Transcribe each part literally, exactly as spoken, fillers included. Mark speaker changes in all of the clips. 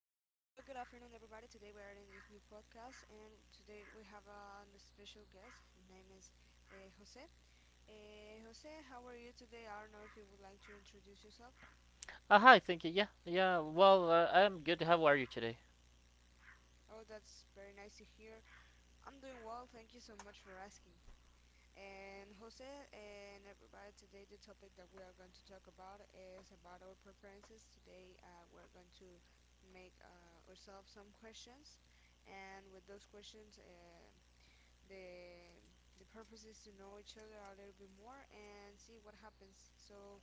Speaker 1: good afternoon, everybody. Today we are in this new podcast, and today we have uh, a special guest. His name is uh, Jose. Uh, Jose, how are you today? I don't know if you would like to introduce yourself.
Speaker 2: Uh, hi, thank you. Yeah, yeah. Well, uh, I'm good. How are you today?
Speaker 1: Oh, that's very nice to hear. I'm doing well. Thank you so much for asking. And Jose and everybody, today the topic that we are going to talk about is about our preferences. Today uh, we're going to make uh, ourselves some questions, and with those questions. Uh, the the purpose is to know each other a little bit more and see what happens. So,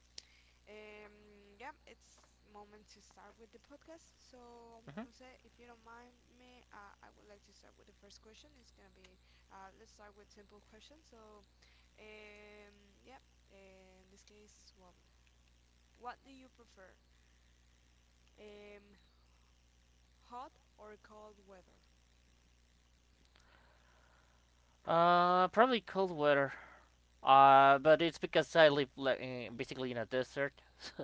Speaker 1: um, yeah, it's moment to start with the podcast. So,
Speaker 2: hmm
Speaker 1: Jose, if you don't mind me, uh, I would like to start with the first question. It's gonna be, uh, let's start with simple questions. So, um, yeah, in this case, well, what do you prefer? Um, Hot or cold weather?
Speaker 2: Uh, probably cold weather. Uh, but it's because I live like, eh, basically in a desert,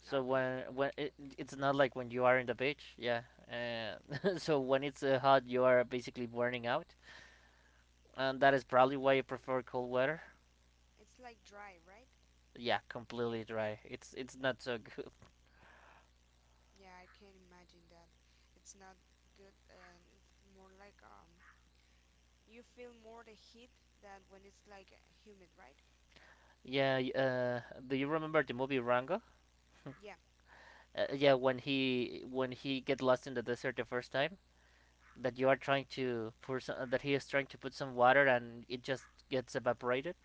Speaker 2: so
Speaker 1: Okay,
Speaker 2: when when it, it's not like when you are in the beach. Yeah. Uh, so when it's uh, hot, you are basically burning out, and that is probably why you prefer cold weather.
Speaker 1: it's like dry, right?
Speaker 2: Yeah, completely dry. It's it's not so good.
Speaker 1: Yeah, I can imagine that. It's not good, and it's more like um, you feel more the heat than when it's like uh, humid, right?
Speaker 2: Yeah. Y- Uh, do you remember the movie Rango?
Speaker 1: Yeah,
Speaker 2: Uh, yeah, when he when he get lost in the desert the first time that you are trying to pour some, that he is trying to put some water and it just gets evaporated.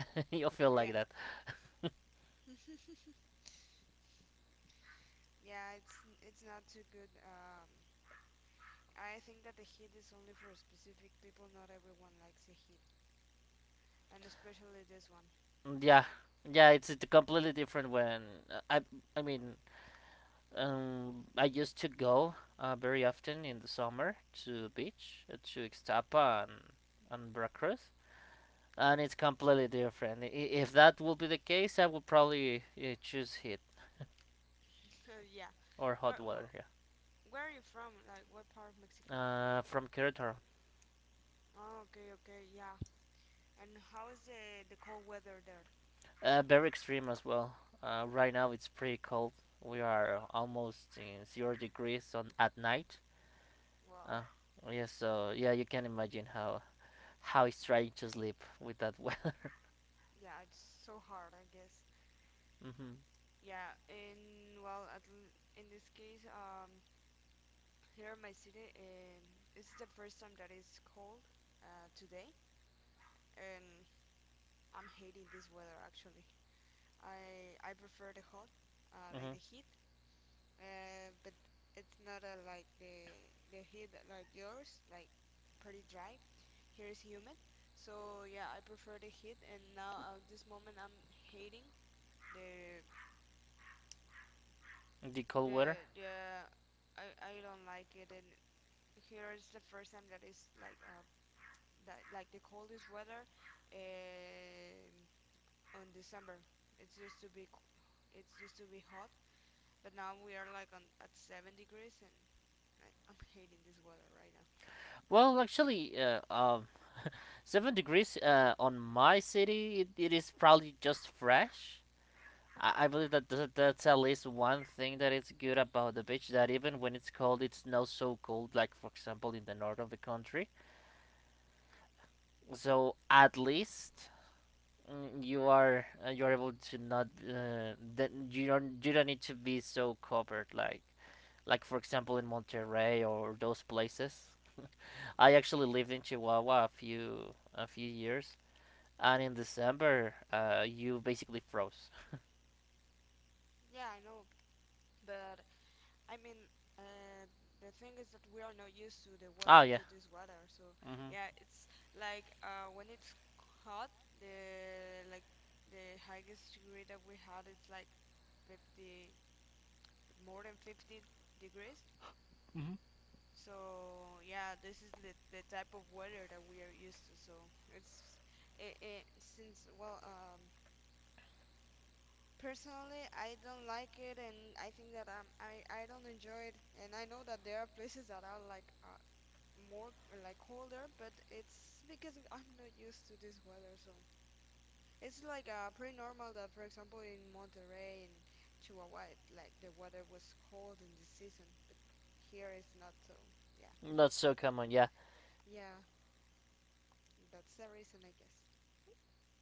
Speaker 2: You'll feel like
Speaker 1: yeah,
Speaker 2: that.
Speaker 1: yeah. It's it's not too good. Um, I think that the heat is only for specific people. Not everyone likes the heat, and especially this one.
Speaker 2: Mm, yeah, yeah, it's uh, completely different when uh, I I mean um I used to go uh, very often in the summer to beach, uh, to Ixtapa and and Veracruz. And it's completely different. i- If that will be the case, I would probably uh, choose heat
Speaker 1: Yeah.
Speaker 2: or hot
Speaker 1: Where,
Speaker 2: water.
Speaker 1: where
Speaker 2: Yeah.
Speaker 1: where are you from? Like what part of Mexico?
Speaker 2: Uh, from Querétaro.
Speaker 1: Oh, okay, okay, yeah. And how is the the cold weather there?
Speaker 2: Uh, very extreme as well. Uh, right now it's pretty cold. We are almost in zero degrees on at night.
Speaker 1: Well,
Speaker 2: Uh, yeah, so yeah, you can imagine how how it's trying to sleep with that weather.
Speaker 1: yeah, it's so hard, I guess.
Speaker 2: Mm-hmm,
Speaker 1: Yeah, in well, at l- in this case, um, here in my city, um, it's the first time that it's cold uh, today, and I'm hating this weather actually. I I prefer the hot, uh, like
Speaker 2: mm-hmm.
Speaker 1: the heat, uh, but it's not uh, like the the heat like yours, like pretty dry. Here is humid, so yeah, I prefer the heat. And now at this moment, I'm hating the
Speaker 2: The cold weather.
Speaker 1: the the I I don't like it, and here is the first time that is like uh, that like the coldest weather um on December. It's used to be co- it's used to be hot, but now we are like on at seven degrees, and I, I'm hating this weather right now.
Speaker 2: Well, actually, uh, um, seven degrees uh, on my city, it, it is probably just fresh. I, I believe that th- that's at least one thing that is good about the beach. That even when it's cold, it's not so cold. Like for example, in the north of the country. So at least, mm, you are uh, you are able to not uh, that you don't you don't need to be so covered, like like for example in Monterrey or those places. I actually lived in Chihuahua a few a few years, and in December, uh, you basically froze.
Speaker 1: Yeah, I know, but I mean. Uh, the thing is that we are not used to the wea-
Speaker 2: Oh yeah.
Speaker 1: to this weather, so
Speaker 2: hmm
Speaker 1: yeah, it's like uh, when it's hot, the like the highest degree that we had is like fifty, but more than fifty degrees.
Speaker 2: hmm
Speaker 1: So yeah, this is the, the type of weather that we are used to. So it's it, it since well um personally I don't like it, and I think that um I I don't enjoy it, and I know that there are places that are like uh, more like colder, but it's because I'm not used to this weather. So it's like uh pretty normal that, for example, in Monterrey and Chihuahua it, like the weather was cold in this season, but here it's not so, yeah.
Speaker 2: Not so common, yeah.
Speaker 1: Yeah, that's the reason, I guess.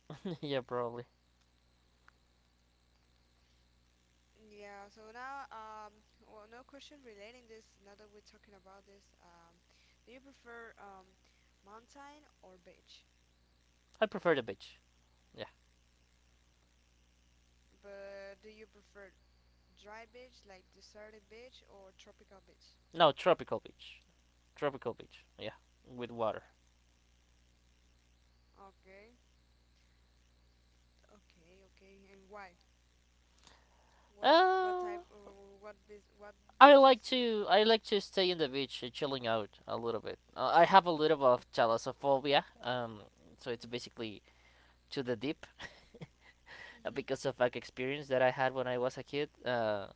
Speaker 2: Yeah, probably.
Speaker 1: Yeah, so now, um, well, no question relating this. Now that we're talking about this, um, do you prefer um, mountain or beach?
Speaker 2: I prefer the beach. Yeah.
Speaker 1: But do you prefer dry beach, like deserted beach, or tropical beach?
Speaker 2: No, tropical beach. Tropical beach. Yeah. With water.
Speaker 1: Okay, okay, okay. And why? What what type
Speaker 2: Uh,
Speaker 1: or what beach? What
Speaker 2: I like
Speaker 1: beaches?
Speaker 2: to I like to stay in the beach, uh, chilling out a little bit. Uh, I have a little bit of thalassophobia, um, so it's
Speaker 1: Mm-hmm.
Speaker 2: basically to the deep, uh, because
Speaker 1: Mm-hmm.
Speaker 2: of like experience that I had when I was a kid. Uh,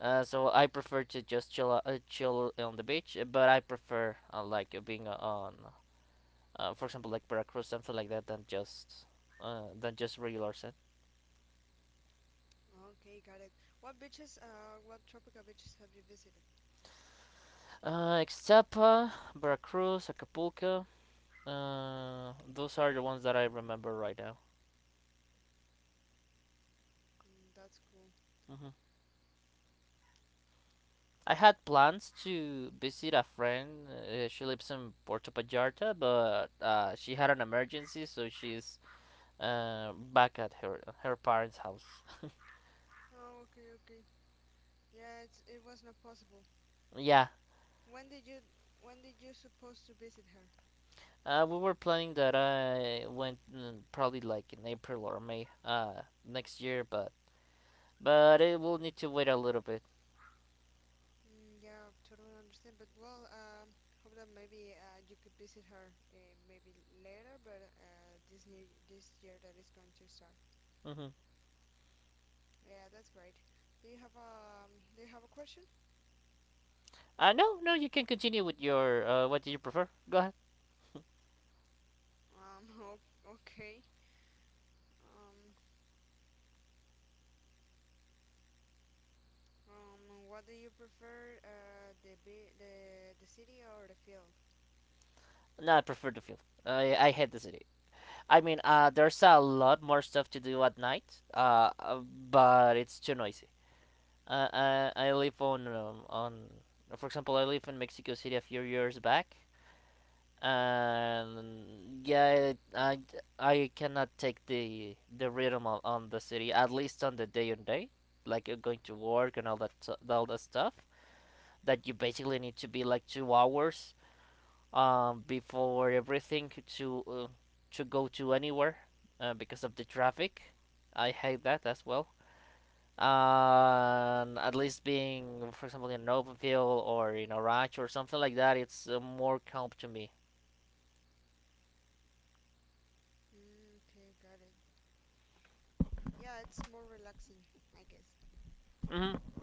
Speaker 2: uh, So I prefer to just chill o- uh, chill on the beach, uh, but I prefer, uh, like uh, being on, uh, for example, like Veracruz, something like that, than just, uh, than just regular sand.
Speaker 1: Okay, got it. What beaches? Uh, what tropical beaches have you visited?
Speaker 2: Uh, Ixtapa, Veracruz, Acapulco. Uh, those are the ones that I remember right now.
Speaker 1: Mm, that's cool.
Speaker 2: Mhm. I had plans to visit a friend. Uh, she lives in Puerto Vallarta, but uh, she had an emergency, so she's, uh, back at her her parents' house.
Speaker 1: Oh, okay, okay. Yeah, it's, it was not possible.
Speaker 2: Yeah,
Speaker 1: When did you when did you supposed to visit her?
Speaker 2: uh, we were planning that I went, mm, probably like in April or May, uh, next year, but but it will need to wait a little bit.
Speaker 1: Mm, yeah, totally understand. But well, um, hope that maybe uh, you could visit her uh, maybe later, but uh, this new this year that is going to start.
Speaker 2: Mm-hmm.
Speaker 1: Yeah, that's great. Do you have a um do you have a question?
Speaker 2: Uh, no, no, you can continue with your. Uh, what do you prefer? Go ahead.
Speaker 1: Um, o- Okay. Um, um, what do you prefer, uh, the bi- the the city or the field?
Speaker 2: No, I prefer the field. I I hate the city. I mean, uh, there's a lot more stuff to do at night, uh, uh, but it's too noisy. Uh, I, I live on, um, on, for example, I live in Mexico City a few years back, and yeah, I, I cannot take the the rhythm on, on the city, at least on the day on day, like you're going to work and all that, all that stuff, that you basically need to be like two hours, um, before everything to uh, to go to anywhere, uh, because of the traffic. I hate that as well. Um, at least being, for example, in Novenville or in Arach or something like that, it's, uh, more calm to me.
Speaker 1: Mm, okay, got it. Yeah, it's more relaxing, I guess.
Speaker 2: hmm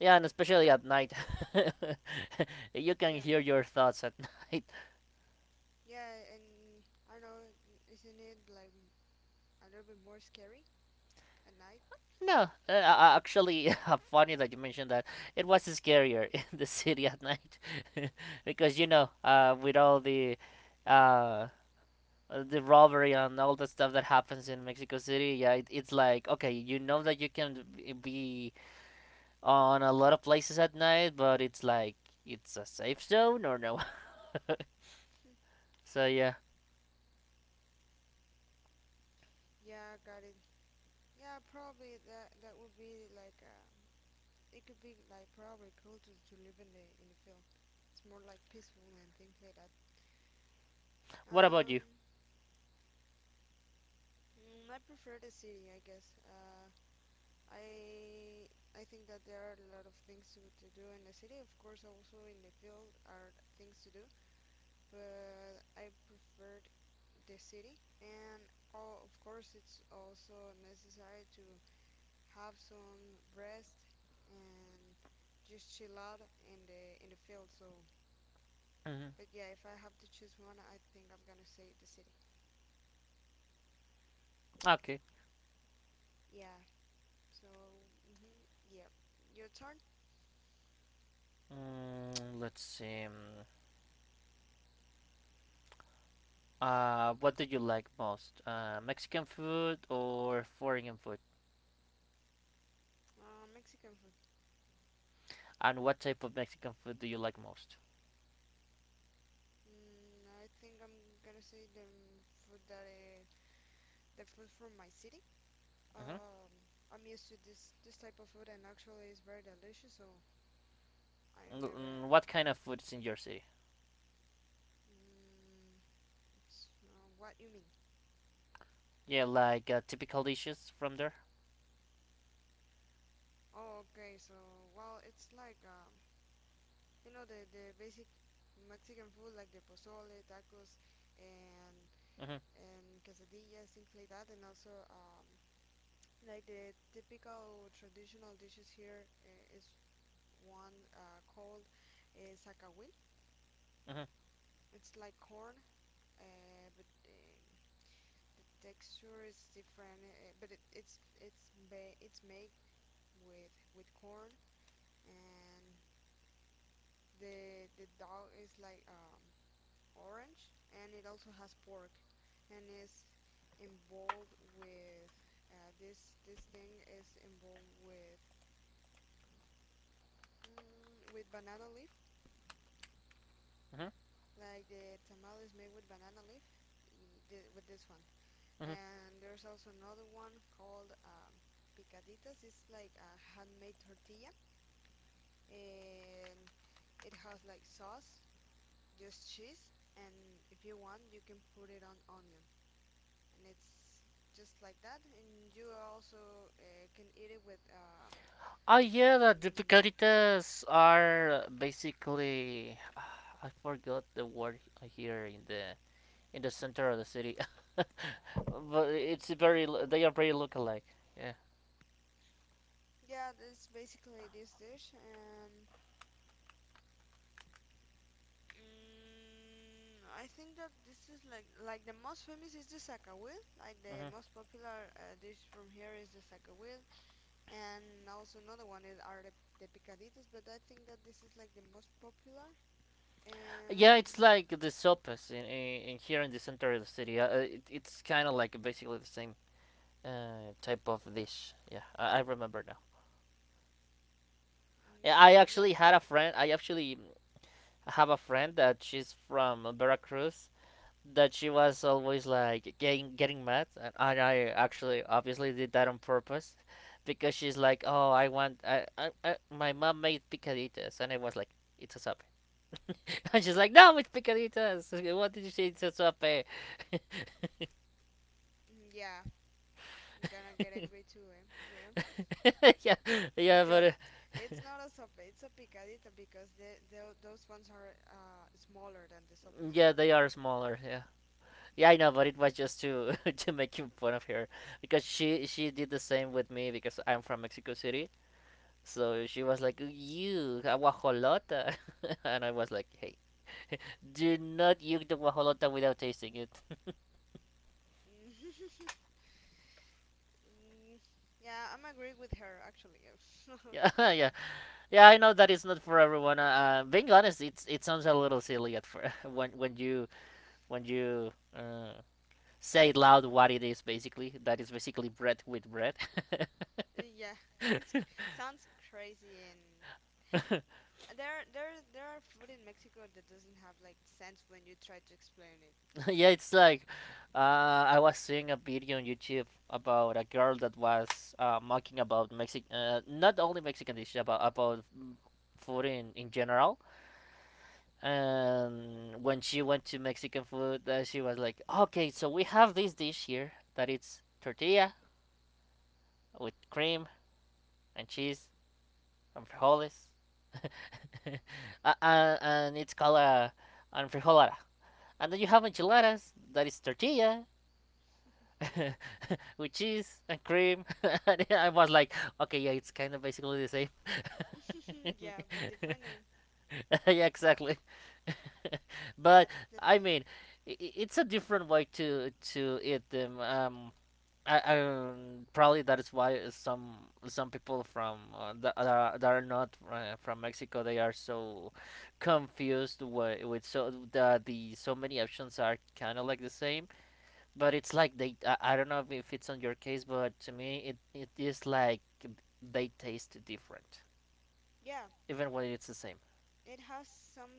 Speaker 2: Yeah, and especially at night, you can
Speaker 1: Yeah.
Speaker 2: hear your thoughts at night.
Speaker 1: Yeah, and I don't know, isn't it like m- a little bit more scary at night?
Speaker 2: No, uh, uh, Actually, funny that you mentioned that. It was scarier in the city at night because you know, uh, with all the uh, uh, the robbery and all the stuff that happens in Mexico City, yeah, it, it's like okay, you know that you can be on a lot of places at night, but it's like it's a safe zone or no. So yeah,
Speaker 1: Yeah, got it. Yeah, probably that that would be like um, it could be like probably cool to, to live in the in the field. It's more like peaceful and things like that.
Speaker 2: what about
Speaker 1: Um,
Speaker 2: you?
Speaker 1: mm, I prefer the city, I guess. Uh, I I think that there are a lot of things to to do in the city. Of course, also in the field are things to do, but I prefer the city. And all, of course, it's also necessary to have some rest and just chill out in the in the field. So
Speaker 2: hmm
Speaker 1: but yeah, if I have to choose one, I think I'm gonna say the city,
Speaker 2: Okay,
Speaker 1: yeah. So hmm, yeah, your turn.
Speaker 2: mm, let's see. Mm, uh, what do you like most? Uh, Mexican food or foreign food?
Speaker 1: uh, Mexican food.
Speaker 2: And what type of Mexican food do you like most?
Speaker 1: Mm, I think I'm gonna say the food that uh, the food from my city.
Speaker 2: hmm
Speaker 1: um I'm used to this this type of food, and actually it's very delicious, so I never.
Speaker 2: Mm, what kind of food is in your city?
Speaker 1: Mm, s- uh, what you mean?
Speaker 2: Yeah, like, uh, typical dishes from there.
Speaker 1: Oh, okay. So, well, it's like um, you know the the basic Mexican food like the pozole, tacos, and
Speaker 2: hmm
Speaker 1: and quesadillas, things like that, and also um, like the typical traditional dishes here uh, is one uh, called uh, zacahuil.
Speaker 2: hmm
Speaker 1: It's like corn, uh, but um, the texture is different, uh, but it, it's it's ba- it's made with with corn and The the dog is like um orange, and it also has pork, and is involved with uh, this this thing is involved with mm, with banana leaf,
Speaker 2: Mhm,
Speaker 1: like the tamal is made with banana leaf. Y- thi- with this one,
Speaker 2: mhm.
Speaker 1: and there's also another one called um, picaditas. It's like a handmade tortilla, and it has like sauce, just cheese, and if you want, you can put it on onion, and it's just like that. And you also uh, can eat it with um,
Speaker 2: Ah, yeah,
Speaker 1: some.
Speaker 2: the difficulties are basically I forgot the word here in the in the center of the city, but it's very l- they are very look alike. Yeah.
Speaker 1: Yeah, that's basically this dish. And mm, I think that this is like like the most famous is the sacawil. Like the
Speaker 2: hmm
Speaker 1: most popular uh, dish from here is the sacawil, and also another one is are the the picaditas. But I think that this is like the most popular.
Speaker 2: Yeah,
Speaker 1: And
Speaker 2: it's
Speaker 1: yeah,
Speaker 2: like the sopas in, in, in here in the center of the city. Uh, uh, it, it's kind of like basically the same, uh, type of dish. Yeah, I, I remember now. Yeah, I
Speaker 1: mm, yeah,
Speaker 2: actually had a friend. I actually have a friend that she's from Veracruz, that she was always like getting getting mad, and and I actually obviously did that on purpose, because she's like, "Oh, I want I, I, I my mom made picaditas," and I was like, "It's a sope," and she's like, "No, it's picaditas. What did you say? It's a sope."
Speaker 1: mm, yeah. I'm gonna get angry too, eh? Yeah.
Speaker 2: Yeah, yeah, but
Speaker 1: Because
Speaker 2: uh,
Speaker 1: it's not a sope, it's a picadita, because the, tho- those ones are uh, smaller than the sope, so.
Speaker 2: yeah, they are smaller. Yeah. Yeah, I know, but it was just to to make fun of her because she she did the same with me because I'm from Mexico City, so she was like, "You aguajolota," and I was like, "Hey, do not yuk the guajolota without tasting it."
Speaker 1: Mm, yeah, I'm agree with her actually.
Speaker 2: Yeah, yeah, yeah. I know that it's not for everyone. Uh, uh, being honest, it's it sounds a little silly at first when when you when you uh, say it loud what it is basically. That is basically bread with bread.
Speaker 1: Yeah, it's cr- sounds crazy, and there there there are food in Mexico that doesn't have like sense when you try to explain it.
Speaker 2: Yeah, it's like, uh, I was seeing a video on YouTube about a girl that was, uh, mocking about Mexican, uh, not only Mexican dishes, about about mm, food in, in general. And when she went to Mexican food, uh, she was like, "Okay, so we have this dish here that it's tortilla with cream and cheese and frijoles, uh, uh, and it's called a and frijolada. And then you have enchiladas that is tortilla with cheese and cream." And I was like, "Okay, yeah, it's kind of basically the same."
Speaker 1: Yeah, but different name.
Speaker 2: Yeah, exactly. But
Speaker 1: That's the
Speaker 2: I
Speaker 1: thing.
Speaker 2: mean, i- i- it's a different way to to eat them. Um, I, I um, probably that is why some some people from, uh, that, are- that are not, uh, from Mexico, they are so confused with, with so the, the so many options are kind of like the same. But it's like they, I, I don't know if it's on your case, but to me, it, it is like they taste different,
Speaker 1: Yeah,
Speaker 2: even when it's the same.
Speaker 1: it has some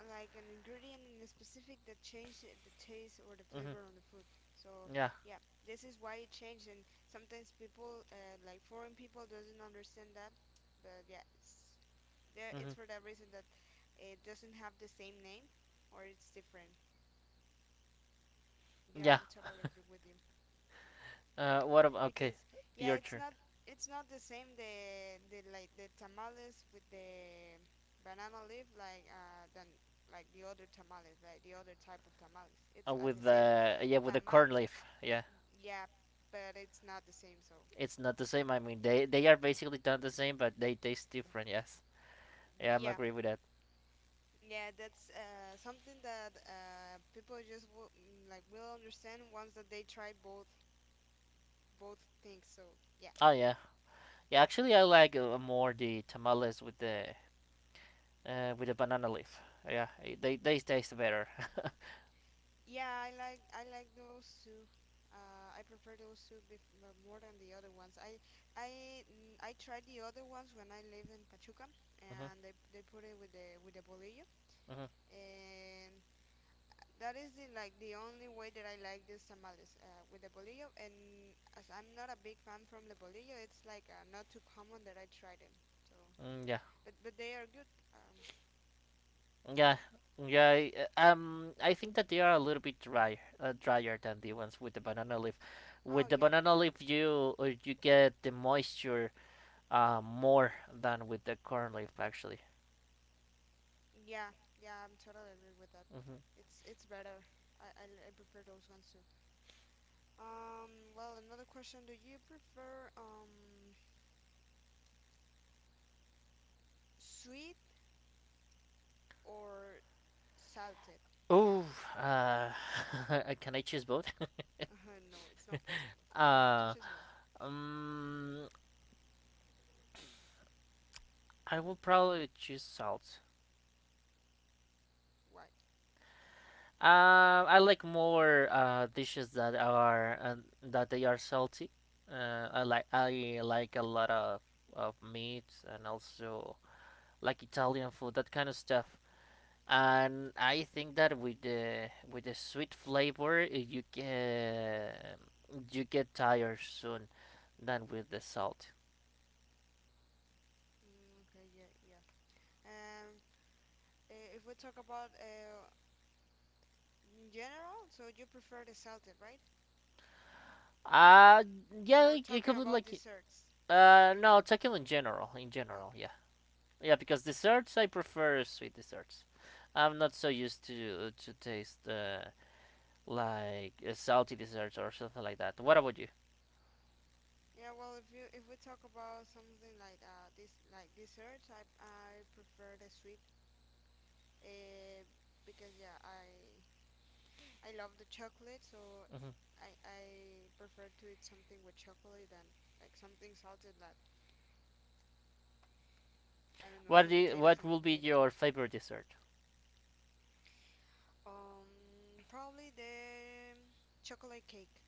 Speaker 1: uh, like an ingredient in a specific that changes the taste or the
Speaker 2: hmm
Speaker 1: flavor on the food. So
Speaker 2: Yeah.
Speaker 1: yeah, this is why it changed, and sometimes people uh, like foreign people doesn't understand that. But yeah, it's there.
Speaker 2: hmm
Speaker 1: It's for that reason that it doesn't have the same name, or it's different. Yeah,
Speaker 2: yeah.
Speaker 1: I'm totally agree with you.
Speaker 2: Uh, what about okay,
Speaker 1: Because yeah,
Speaker 2: your
Speaker 1: it's
Speaker 2: turn.
Speaker 1: not, it's not the same the the like the tamales with the banana leaf like uh than like the other tamales, like the other type of tamales.
Speaker 2: Uh,
Speaker 1: It's at
Speaker 2: with
Speaker 1: the same
Speaker 2: the yeah, with the
Speaker 1: tamal,
Speaker 2: corn leaf. Yeah,
Speaker 1: yeah, but it's not the same. So
Speaker 2: it's not the same. I mean, they they are basically done the same, but they taste different. Yes. Yeah, I'm
Speaker 1: yeah,
Speaker 2: agree with that.
Speaker 1: yeah, that's uh something that uh people just will, like will understand once that they try both both things. So yeah.
Speaker 2: Oh yeah, yeah. Actually, I like, uh, more the tamales with the, uh, with the banana leaf. Yeah, they they taste better.
Speaker 1: Yeah, I like I like those two. Uh, I prefer those two bef m- more than the other ones. I I mm, I tried the other ones when I lived in Pachuca,
Speaker 2: hmm
Speaker 1: and they they put it with the with the bolillo,
Speaker 2: hmm
Speaker 1: and that is the like the only way that I like these tamales uh, with the bolillo. And as I'm not a big fan from the bolillo, it's like uh, not too common that I try them. So,
Speaker 2: Mm, yeah,
Speaker 1: but but they are good. Um,
Speaker 2: yeah. Yeah, uh, um, I think that they are a little bit dry, uh, drier than the ones with the banana leaf.
Speaker 1: oh
Speaker 2: With the
Speaker 1: yeah.
Speaker 2: banana leaf, you, uh, you get the moisture, uh, more than with the corn leaf actually.
Speaker 1: Yeah, yeah, I'm totally agree with that.
Speaker 2: hmm
Speaker 1: It's it's better. I, I, I prefer those ones too. Um, well, another question: do you prefer um sweet or salted?
Speaker 2: Ooh, uh, can I choose both?
Speaker 1: No, it's not possible. You have to
Speaker 2: uh,
Speaker 1: choose one.
Speaker 2: um, I will probably choose salt.
Speaker 1: Why?
Speaker 2: Um, I like more, uh, dishes that are, uh, that they are salty. Uh, I like I like a lot of of meat and also like Italian food, that kind of stuff. And I think that with the with the sweet flavor, uh, you get you get tired soon than with the salt.
Speaker 1: Mm, okay, yeah, yeah. Um, i- if we talk about uh in general, so you prefer the salted, right?
Speaker 2: Uh yeah,
Speaker 1: Or
Speaker 2: it it
Speaker 1: talking
Speaker 2: comes with
Speaker 1: about
Speaker 2: like,
Speaker 1: desserts?
Speaker 2: uh no, talking in general, in general,
Speaker 1: Okay.
Speaker 2: yeah, yeah. Because desserts, I prefer sweet desserts. I'm not so used to to taste, uh, like uh, salty desserts or something like that. What about you?
Speaker 1: Yeah, well, if you if we talk about something like uh this like desserts, I I prefer the sweet, uh, because yeah, I I love the chocolate, so
Speaker 2: hmm
Speaker 1: I I prefer to eat something with chocolate than like something salted like I don't know
Speaker 2: What
Speaker 1: some
Speaker 2: do you,
Speaker 1: potatoes
Speaker 2: what
Speaker 1: and
Speaker 2: will
Speaker 1: things
Speaker 2: be
Speaker 1: like that.
Speaker 2: your favorite dessert?
Speaker 1: Um, probably the chocolate cake.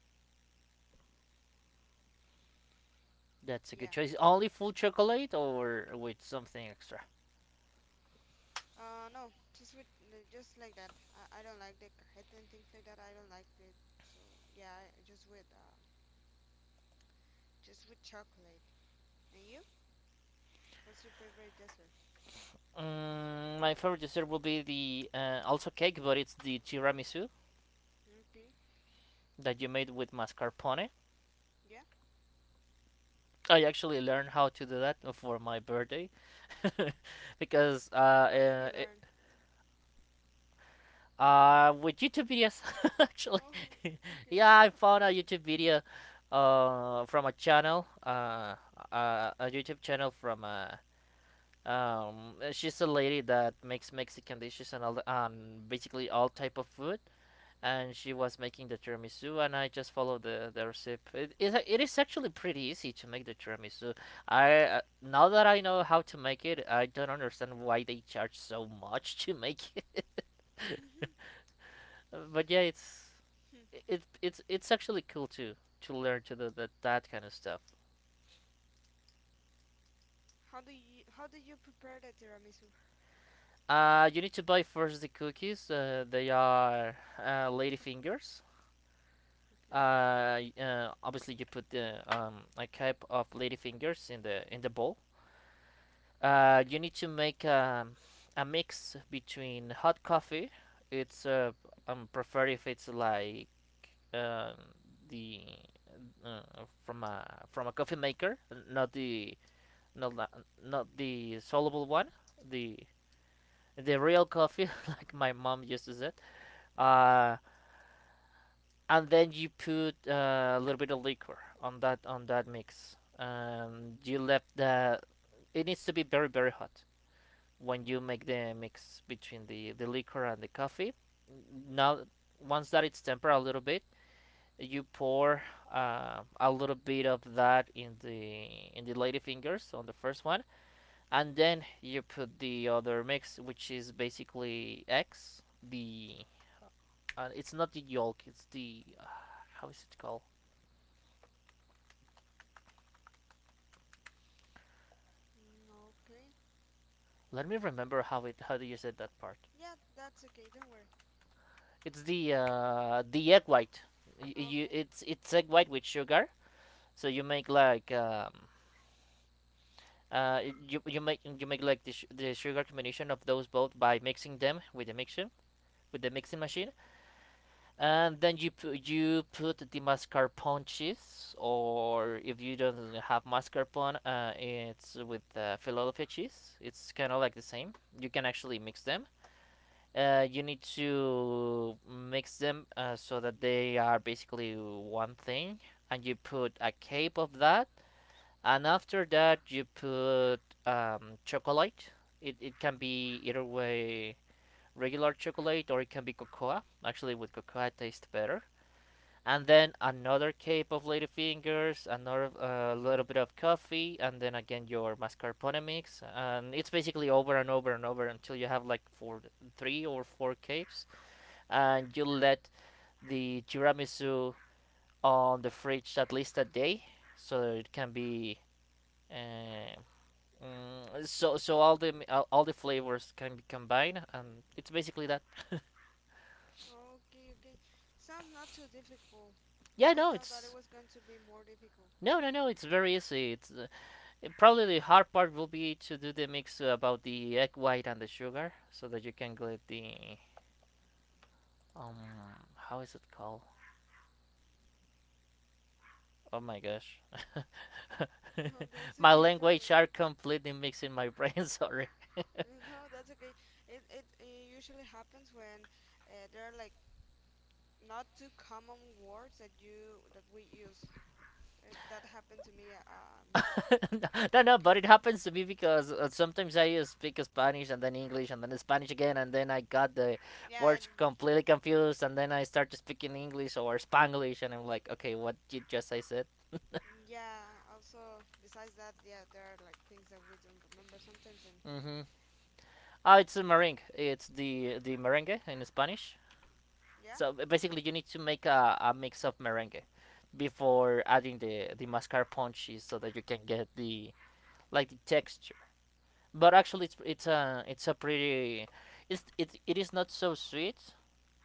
Speaker 2: That's a good
Speaker 1: Yeah.
Speaker 2: choice. Only full chocolate or with something extra?
Speaker 1: Uh, no, just with the- just like that. I, I don't like the cajeta and things like that. I don't like it. So yeah, I- just with um, just with chocolate. And you? What's your favorite dessert?
Speaker 2: Mm, my favorite dessert will be the, uh, also cake, but it's the tiramisu
Speaker 1: Okay.
Speaker 2: that you made with mascarpone.
Speaker 1: Yeah.
Speaker 2: I actually learned how to do that for my birthday because uh,
Speaker 1: How did you
Speaker 2: uh, it-
Speaker 1: learn?
Speaker 2: uh, with YouTube videos actually.
Speaker 1: Oh, okay.
Speaker 2: yeah, I found a YouTube video uh, from a channel, uh, uh, a YouTube channel from uh, Um, uh, she's a lady that makes Mexican dishes and all the, um, basically all type of food. And she was making the tiramisu, and I just followed the, the recipe. It, it, it is actually pretty easy to make the tiramisu. I uh, Now that I know how to make it, I don't understand why they charge so much to make it.
Speaker 1: Mhm.
Speaker 2: but yeah, it's
Speaker 1: Hmm.
Speaker 2: it it's it's actually cool to to learn to do that that kind of stuff.
Speaker 1: How do you how did you prepare the tiramisu?
Speaker 2: Uh, you need to buy first the cookies. Uh, they are uh, lady fingers.
Speaker 1: Okay.
Speaker 2: Uh, uh, obviously you put the um, a cup of ladyfingers in the in the bowl. Uh, you need to make um, a mix between hot coffee. It's uh, I'm prefer if it's like uh, the uh, from a from a coffee maker, not the not la- not the soluble one, the the real coffee like my mom uses it. Uh, and then you put uh, a little bit of liquor on that on that mix. Um, you left the. It needs to be very very hot when you make the mix between the the liquor and the coffee. Now, once that it's tempered a little bit, you pour uh, a little bit of that in the in the lady fingers on the first one, and then you put the other mix, which is basically eggs. The uh, It's not the yolk, it's the uh, how is it called?
Speaker 1: Mm, okay.
Speaker 2: Let me remember how it how do you said that part.
Speaker 1: Yeah, that's okay. Don't worry.
Speaker 2: It's the uh, the egg white. Y- You
Speaker 1: Okay.
Speaker 2: it's it's egg white with sugar. So you make like um, uh, you, you make you make like the, sh- the sugar combination of those both by mixing them with the mixing with the mixing machine, and then you pu- you put the mascarpone cheese, or if you don't have mascarpone, uh, it's with uh, Philadelphia cheese. It's kind of like the same. You can actually mix them uh, you need to mix them uh, so that they are basically one thing, and you put a cape of that, and after that you put um, chocolate. It it can be either way regular chocolate or it can be cocoa. Actually, with cocoa it tastes better. And then another cape of ladyfingers, another uh, little bit of coffee, and then again your mascarpone mix, and it's basically over and over and over until you have like four, three or four capes and you let the tiramisu on the fridge at least a day so that it can be uh, mm, so so all the all, the flavors can be combined and it's basically that.
Speaker 1: Okay, okay. Sounds not too difficult.
Speaker 2: Yeah,
Speaker 1: I
Speaker 2: no,
Speaker 1: thought that it
Speaker 2: it's
Speaker 1: was going to be more difficult.
Speaker 2: no no no, it's very easy. It's uh, it- probably the hard part will be to do the mix about the egg white and the sugar so that you can get the um how is it called? Oh my gosh.
Speaker 1: No, that's
Speaker 2: My
Speaker 1: okay. Don't
Speaker 2: language
Speaker 1: worry.
Speaker 2: are completely mixing my brain, sorry.
Speaker 1: Uh, No, that's okay. It it, it usually happens when uh, there are like not too common words that you that we use. It, that happened to me um
Speaker 2: No,
Speaker 1: in the
Speaker 2: no, but
Speaker 1: past.
Speaker 2: it happens to me because uh, sometimes I uh, speak Spanish and then English and then Spanish again, and then I got the
Speaker 1: Yeah, and
Speaker 2: words completely confused, and then I start speaking English or Spanglish, and I'm like, okay, what did just I said?
Speaker 1: yeah. Also, besides that, yeah, there are like things that we don't remember sometimes. And
Speaker 2: Mm-hmm. Oh, it's a meringue. It's the the merengue in Spanish.
Speaker 1: yeah.
Speaker 2: So b- basically, you need to make a, a mix of merengue before adding the the mascarpone cheese so that you can get the like the texture. But actually it's it's a it's a pretty it's it, it is not so sweet,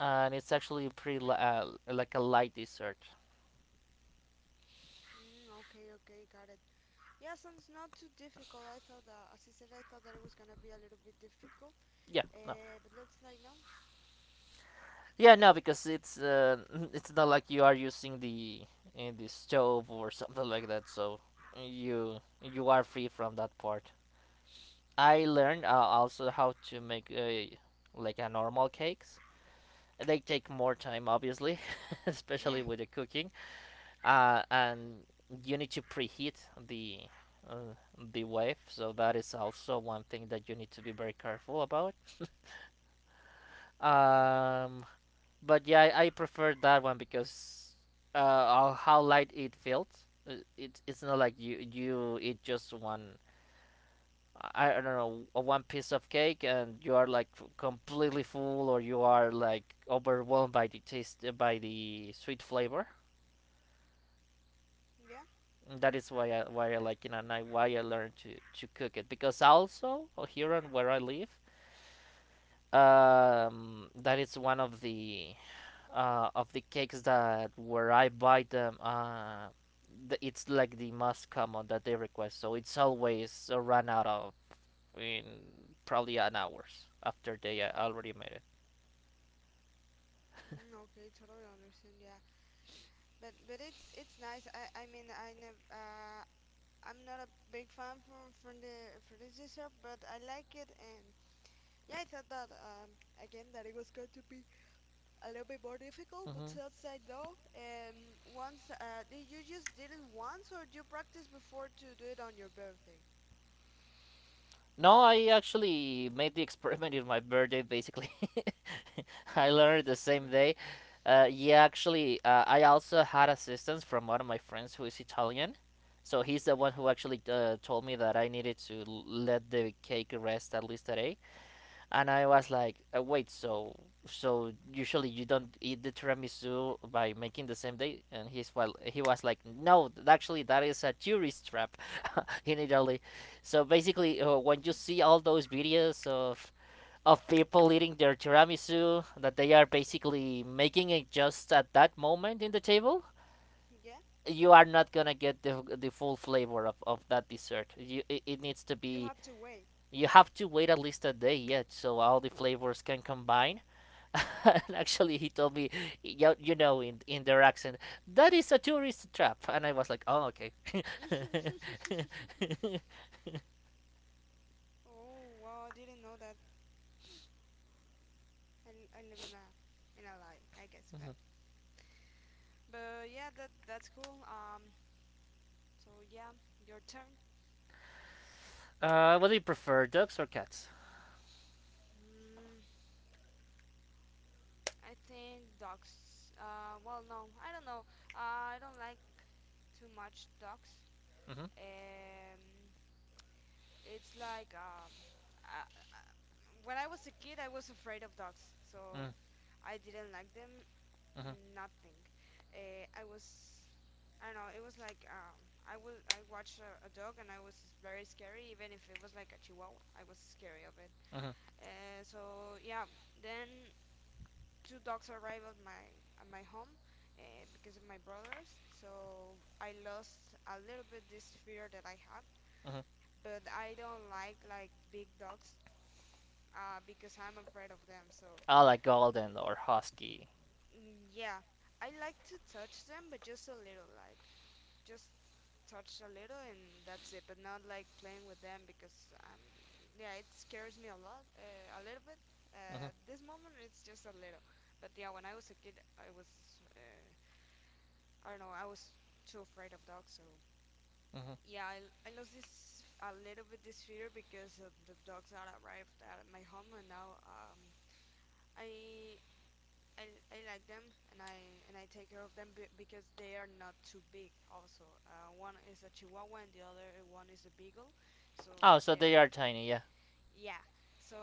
Speaker 2: and it's actually pretty li- uh, like a light dessert.
Speaker 1: Mm, okay, okay, got it. Yeah, sounds not too difficult. I thought that, as I said, I thought that it was gonna be a little bit difficult.
Speaker 2: Yeah, no.
Speaker 1: Uh, but looks like no.
Speaker 2: Yeah, no, because it's uh, it's not like you are using the in the stove or something like that, so you you are free from that part. I learned uh, also how to make uh, like a normal cakes. They take more time obviously,
Speaker 1: Yeah,
Speaker 2: especially with the cooking. Uh, and you need to preheat the uh, the wave, so that is also one thing that you need to be very careful about.
Speaker 1: yeah,
Speaker 2: um, but yeah, I, I prefer that one because uh, how light it feels. Uh, it, it's not like you you eat just one, I don't know, uh, one piece of cake, and you are like completely full, or you are like overwhelmed by the taste, by the sweet flavor.
Speaker 1: yeah.
Speaker 2: And That is why I why I like it, and I, why I learned to to cook it, because also uh, here on where I live, um, that is one of the uh, of the cakes that where I buy them. Uh, the, it's like the most common that they request, so it's always uh, run out of in probably an hours after they uh, already made it.
Speaker 1: Mm, okay, totally understand. Yeah, but but it's it's nice. I I mean I never. Uh, I'm not a big fan from from the for this dessert, but I like it. And yeah, I thought that um, again that it was going to be a little bit more difficult, but
Speaker 2: Hmm.
Speaker 1: since I know, um, once uh, did you just did it once or did you practice before to do it on your birthday?
Speaker 2: No, I actually made the experiment in my birthday basically. I learned the same day. Uh, yeah, actually, uh, I also had assistance from one of my friends who is Italian. So he's the one who actually uh, told me that I needed to l- let the cake rest at least a day, and I was like, uh, wait, so so usually you don't eat the tiramisu by making the same day? And he's well, he was like, no, th- actually that is a tourist trap in Italy. So basically, uh, when you see all those videos of of people eating their tiramisu that they are basically making it just at that moment in the table.
Speaker 1: Yeah,
Speaker 2: You are not gonna get the, the full flavor of, of that dessert. You, it, it needs to
Speaker 1: you
Speaker 2: be
Speaker 1: have to wait.
Speaker 2: you have to wait at least a day yet, so all the flavors can combine. And actually, he told me, you, you know, in, in their accent, that is a tourist trap. And I was like, oh, okay.
Speaker 1: Oh wow, I didn't know that. I, l- I live in a in a lie, I guess that. But yeah, that that's cool. Um, so yeah, your turn.
Speaker 2: Uh, what do you prefer, dogs or cats?
Speaker 1: Mm. I think dogs. Uh, well, no, I don't know. Uh, I don't like too much dogs.
Speaker 2: Hmm.
Speaker 1: Um, it's like um, uh, uh, when I was a kid, I was afraid of dogs, so
Speaker 2: Mm.
Speaker 1: I didn't like them.
Speaker 2: Mhm.
Speaker 1: Nothing. Uh, I was. I don't know. It was like um, I was. I watched a, a dog, and I was very scary. Even if it was like a chihuahua, I was scary of it.
Speaker 2: Mhm,
Speaker 1: Uh, so yeah. Then two dogs arrived at my at my home uh, because of my brothers. So I lost a little bit this fear that I have,
Speaker 2: mhm.
Speaker 1: but I don't like like big dogs uh, because I'm afraid of them. So
Speaker 2: I like golden or husky.
Speaker 1: mm, yeah, I like to touch them, but just a little, like just touch a little and that's it. But not like playing with them because um yeah, it scares me a lot, uh, a little bit.
Speaker 2: Hmm.
Speaker 1: Uh, this moment it's just a little, but yeah, when I was a kid, I was. Uh, I don't know. I was too afraid of dogs, so
Speaker 2: Hmm.
Speaker 1: yeah, I I lost this a little bit this fear because of the dogs that arrived at my home, and now um I I, I like them and I and I take care of them be- because they are not too big. Also, uh, one is a Chihuahua and the other one is a Beagle, so
Speaker 2: Oh, so
Speaker 1: they
Speaker 2: they
Speaker 1: are
Speaker 2: are tiny, yeah.
Speaker 1: yeah. So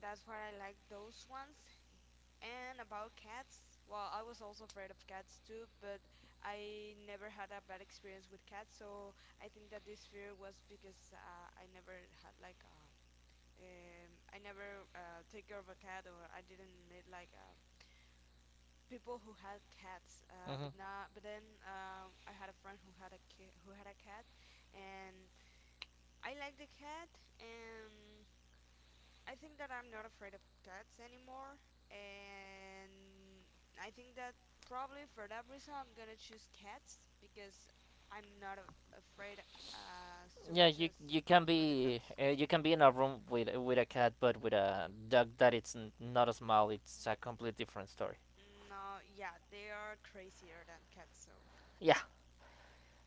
Speaker 1: that's why I like those ones. And about cats, well, I was also afraid of cats too, but I never had a bad experience with cats, so I think that this fear was because uh, I never had like uh, um, I never uh, take care of a cat, or I didn't meet like uh, people who had cats uh,
Speaker 2: Hmm.
Speaker 1: but not but then um, I had a friend who had a ki- who had a cat, and I liked the cat. And I think that I'm not afraid of cats anymore, and I think that probably for that reason I'm gonna choose cats because I'm not a- afraid uh, as too
Speaker 2: Yeah,
Speaker 1: much
Speaker 2: you
Speaker 1: as
Speaker 2: you can
Speaker 1: for the
Speaker 2: be
Speaker 1: dogs.
Speaker 2: uh, you can be in a room with with a cat, but with a dog that it's n- not a smile. It's a complete different story.
Speaker 1: No, yeah, they are crazier than cats, so
Speaker 2: Yeah.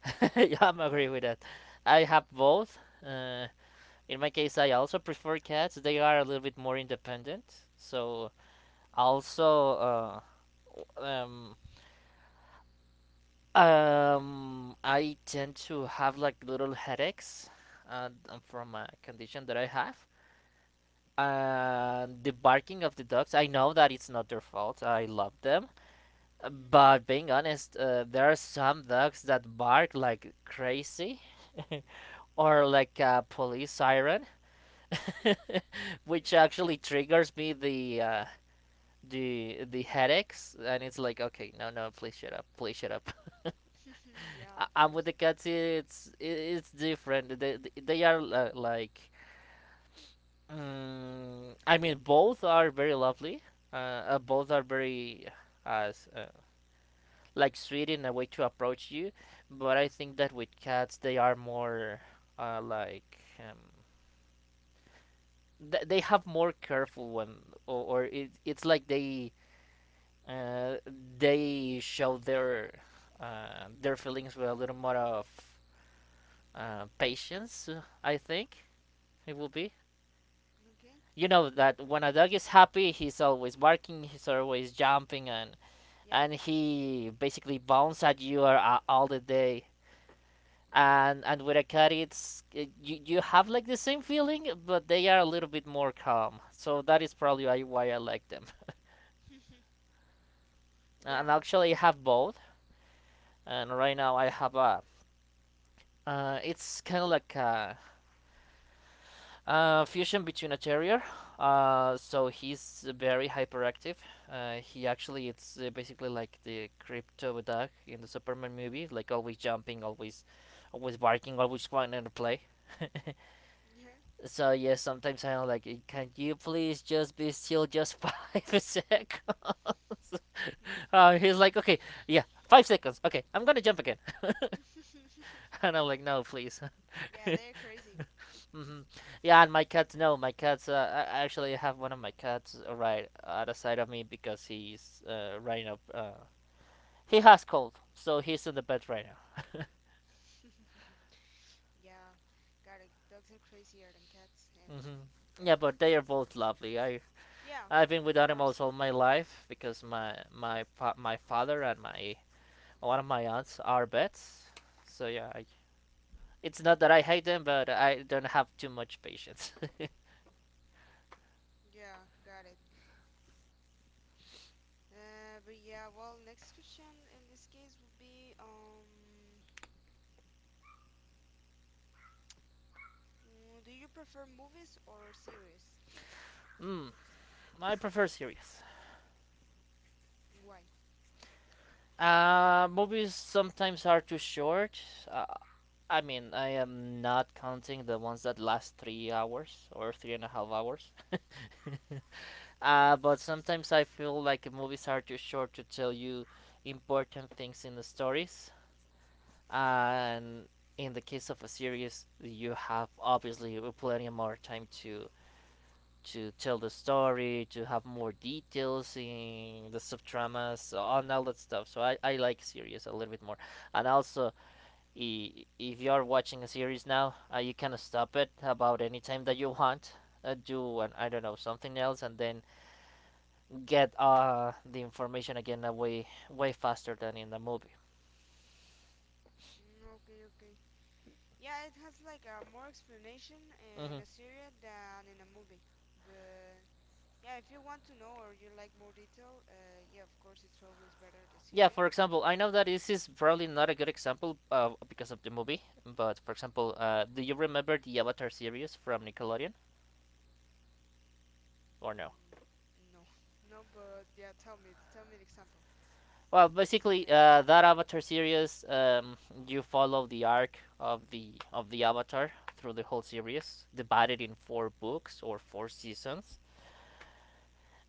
Speaker 2: Yeah, I'm
Speaker 1: yeah.
Speaker 2: agree with that. I have both. Uh, in my case, I also prefer cats. They are a little bit more independent. So also, uh, w- um, um, I tend to have like little headaches, uh, from a condition that I have.
Speaker 1: Okay.
Speaker 2: And the barking of the dogs, I know that it's not their fault. I love them.
Speaker 1: Mhm.
Speaker 2: But being honest, uh, there are some dogs that bark like crazy or like a police siren, which
Speaker 1: Yeah.
Speaker 2: actually triggers me the. Uh, the the headaches, and it's like okay, no no, please shut up, please shut up.
Speaker 1: Yeah,
Speaker 2: I,
Speaker 1: of
Speaker 2: I'm with
Speaker 1: course.
Speaker 2: the cats, it's it's different, they, they are uh, like. Mm, I mean, both are very lovely. Uh, uh, both are very as uh, like sweet in a way to approach you, but I think that with cats they are more uh, like um, th- they have more careful one, or, or it, it's like they uh, they show their uh, their feelings with a little more of uh, patience. Uh, I think it will be.
Speaker 1: Okay.
Speaker 2: You know that when a dog is happy, he's always barking, he's always jumping, and
Speaker 1: Yeah.
Speaker 2: and he basically bounces at you uh, all the day. And and with a cat, it's uh, you you have like the same feeling, but they are a little bit more calm. So that is probably why, why I like them.
Speaker 1: Yeah. Yeah.
Speaker 2: And actually, I have both. And right now, I have a. Uh, it's kind of like a. Uh, fusion between a terrier. Uh, so he's very hyperactive. Uh, he actually it's uh, basically like the crypto dog in the Superman movie, like always jumping, always, always barking, always wanting to play. So yeah, sometimes I'm like, "Eh, can you please just be still just five seconds? Uh, he's like, okay, yeah, five seconds. Okay, I'm gonna jump again. And I'm like, no, please.
Speaker 1: Yeah, they're crazy.
Speaker 2: Hmm. Yeah, and my cats. No, my cats. Uh, I I actually have one of my cats uh, right at the side of me because he's uh, right up. Uh, he has cold, so he's in the bed right now.
Speaker 1: Yeah, got it. Dogs are crazier than cats, and
Speaker 2: Hmm.
Speaker 1: yeah,
Speaker 2: Yeah, but they are both lovely. I
Speaker 1: yeah,
Speaker 2: I've been
Speaker 1: c-
Speaker 2: with
Speaker 1: of
Speaker 2: animals
Speaker 1: course.
Speaker 2: all my life because my my fa- my father and my one of my aunts are vets. So yeah, I, it's not that I hate them, but I don't have too much patience.
Speaker 1: Yeah, got it. Uh, but yeah, well, next question in this case would be, um, mm, do you prefer movies or series?
Speaker 2: Mm, I prefer series.
Speaker 1: And why?
Speaker 2: Uh, movies sometimes are too short. Uh, I mean, I am not counting the ones that last three hours or three and a half hours. Uh, but sometimes I feel like movies are too short to tell you important things in the stories. And in the case of a series, you have obviously plenty more time to to tell the story, to have more details in the subtramas, on all that stuff. So I, I like series a little bit more. And also, i- if you are watching a series now, uh, you can stop it about any time that you want. Uh, do an, I don't know, something else, and then get uh, the information again, uh, way way faster than in the movie.
Speaker 1: Mm, okay, okay. Yeah, it has like a more explanation in
Speaker 2: Hmm.
Speaker 1: a series than in a movie. But yeah, if you want to know or you like more detail, uh, yeah, of course, it's always better the
Speaker 2: Yeah, for
Speaker 1: series.
Speaker 2: example, I know that this is probably not a good example, uh, because of the movie, but for example, uh, do you remember the Avatar series from Nickelodeon or no?
Speaker 1: Mm, no, no, but yeah, tell me, tell me the example.
Speaker 2: Well,
Speaker 1: Let me see if
Speaker 2: basically,
Speaker 1: I got
Speaker 2: uh,
Speaker 1: it.
Speaker 2: that Avatar series, um, you follow the arc of the of the Avatar through the whole series, divided in four books or four seasons.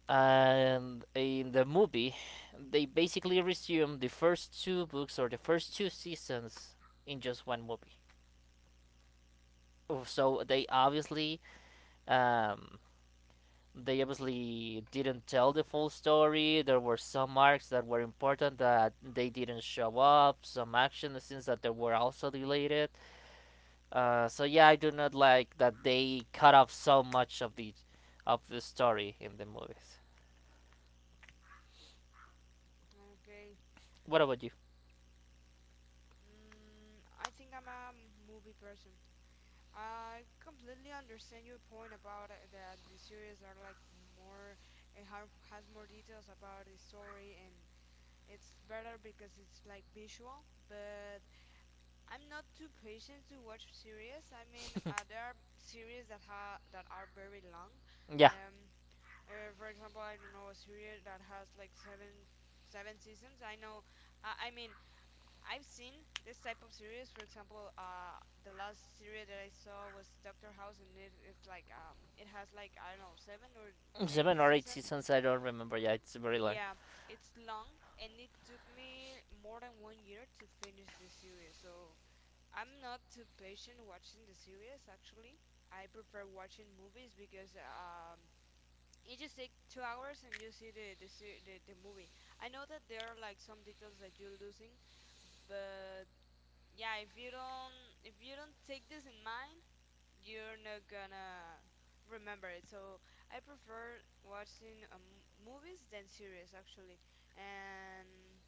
Speaker 2: And in the movie, they basically resume the first two books or the first two seasons in just one movie. Oh, so they obviously um, they obviously didn't tell the full story. There were some arcs that were important that they didn't show up, some action scenes that they were also deleted. Uh, so yeah, I do not like that they cut off so much of the of the story in the movies.
Speaker 1: Okay.
Speaker 2: What about you?
Speaker 1: Mm, I think I'm a movie person. I completely understand your point about uh, that the series are like more, it ha has more details about the story, and it's better because it's like visual. But I'm not too patient to watch series. I mean, uh, there are series that ha that are very long.
Speaker 2: Yeah,
Speaker 1: Um, Uh, for example, I don't know, a series that has like seven seven seasons. I know. Uh, I mean, I've seen this type of series. For example, uh, the last series that I saw was Doctor House, and it, it's like um, it has like I don't know seven or eight
Speaker 2: seven or eight
Speaker 1: seasons.
Speaker 2: seasons. I don't remember. Yeah, it's very long.
Speaker 1: Yeah, it's long, and it took me more than one year to finish the series. So I'm not too patient watching the series. Actually, I prefer watching movies because um, it just take two hours and you see the the, se- the the movie. I know that there are like some details that you're losing, but yeah, if you don't if you don't take this in mind, you're not gonna remember it. So I prefer watching um, movies than series actually, and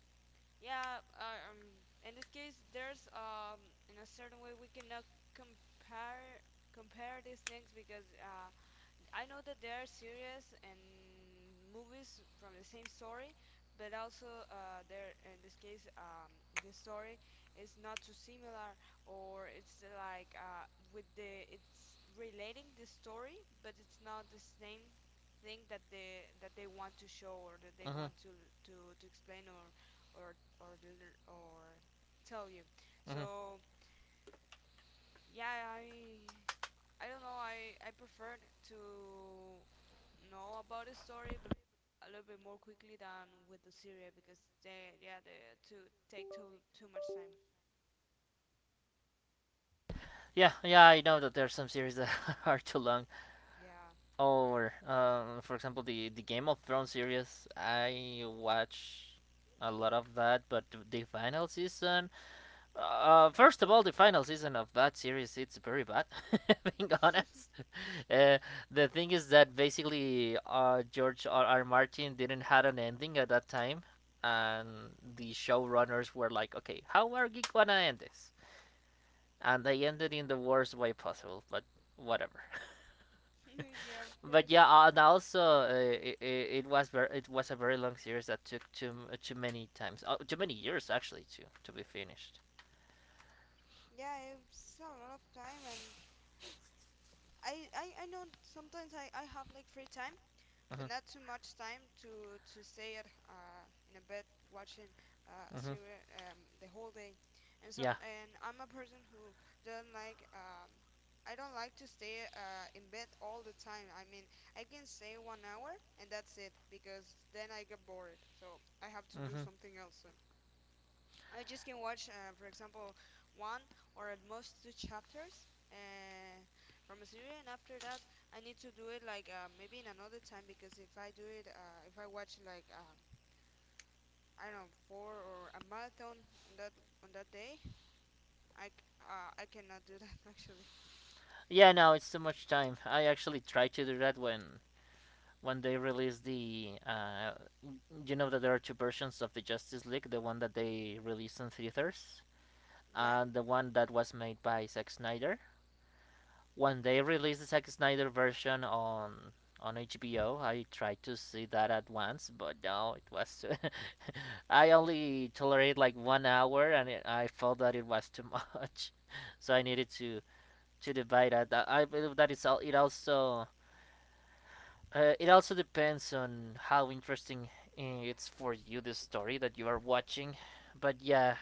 Speaker 1: yeah, uh, um, in this case, there's um in a certain way we cannot compare compare these things because uh I know that there are series and movies from the same story, but also uh, there in this case um, the story is not too similar, or it's like uh, with the it's relating the story, but it's not the same thing that they that they want to show or that they
Speaker 2: Hmm.
Speaker 1: want to to, to explain or or or or tell you.
Speaker 2: Hmm.
Speaker 1: So yeah, I I don't know. I I prefer to know about the story, but a little bit more quickly than with the Syria because they yeah they to take too too much time.
Speaker 2: Yeah, yeah, I know that there are some series that are too long.
Speaker 1: Yeah.
Speaker 2: Or, um, for example, the, the Game of Thrones series, I watch a lot of that, but the final season, uh, first of all, the final season of that series, it's very bad, being honest. Uh, the thing is that basically, uh, George R. R. Martin didn't had an ending at that time, and the showrunners were like, okay, how are we gonna end this? And they ended in the worst way possible, but whatever.
Speaker 1: Yeah, of
Speaker 2: But
Speaker 1: course.
Speaker 2: yeah, uh, and also, uh, it, it was ver- it was a very long series that took too m- uh, too many times, oh, too many years actually to to be finished.
Speaker 1: Yeah, it's a lot of time, and I I, I know sometimes I, I have like free time but
Speaker 2: Mhm.
Speaker 1: not too much time to to stay at uh, in a bed watching uh, a
Speaker 2: Mhm.
Speaker 1: series um, the whole day. And some
Speaker 2: Yeah.
Speaker 1: and I'm a person who doesn't like um, I don't like to stay uh, in bed all the time. I mean, I can stay one hour and that's it because then I get bored. So I have to do
Speaker 2: Mhm.
Speaker 1: something else. So I just can watch, uh, for example, one or at most two chapters uh, from a series, and after that, I need to do it like uh, maybe in another time because if I do it, uh, if I watch like um, I don't know, four, or a marathon on that on that day, I c- uh, I cannot do that actually.
Speaker 2: Yeah. No, it's too much time. I actually tried to do that when when they released the, uh, you know that there are two versions of the Justice League, the one that they released in theaters
Speaker 1: Yeah,
Speaker 2: and the one that was made by Zack Snyder. When they released the Zack Snyder version on on H B O, I tried to see that at once, but no, it was too. I only tolerated like one hour, and it, I felt that it was too much, so I needed to to divide that. Uh, I believe that it's all. It also uh, it also depends on how interesting, uh, it's for you the story that you are watching, but yeah,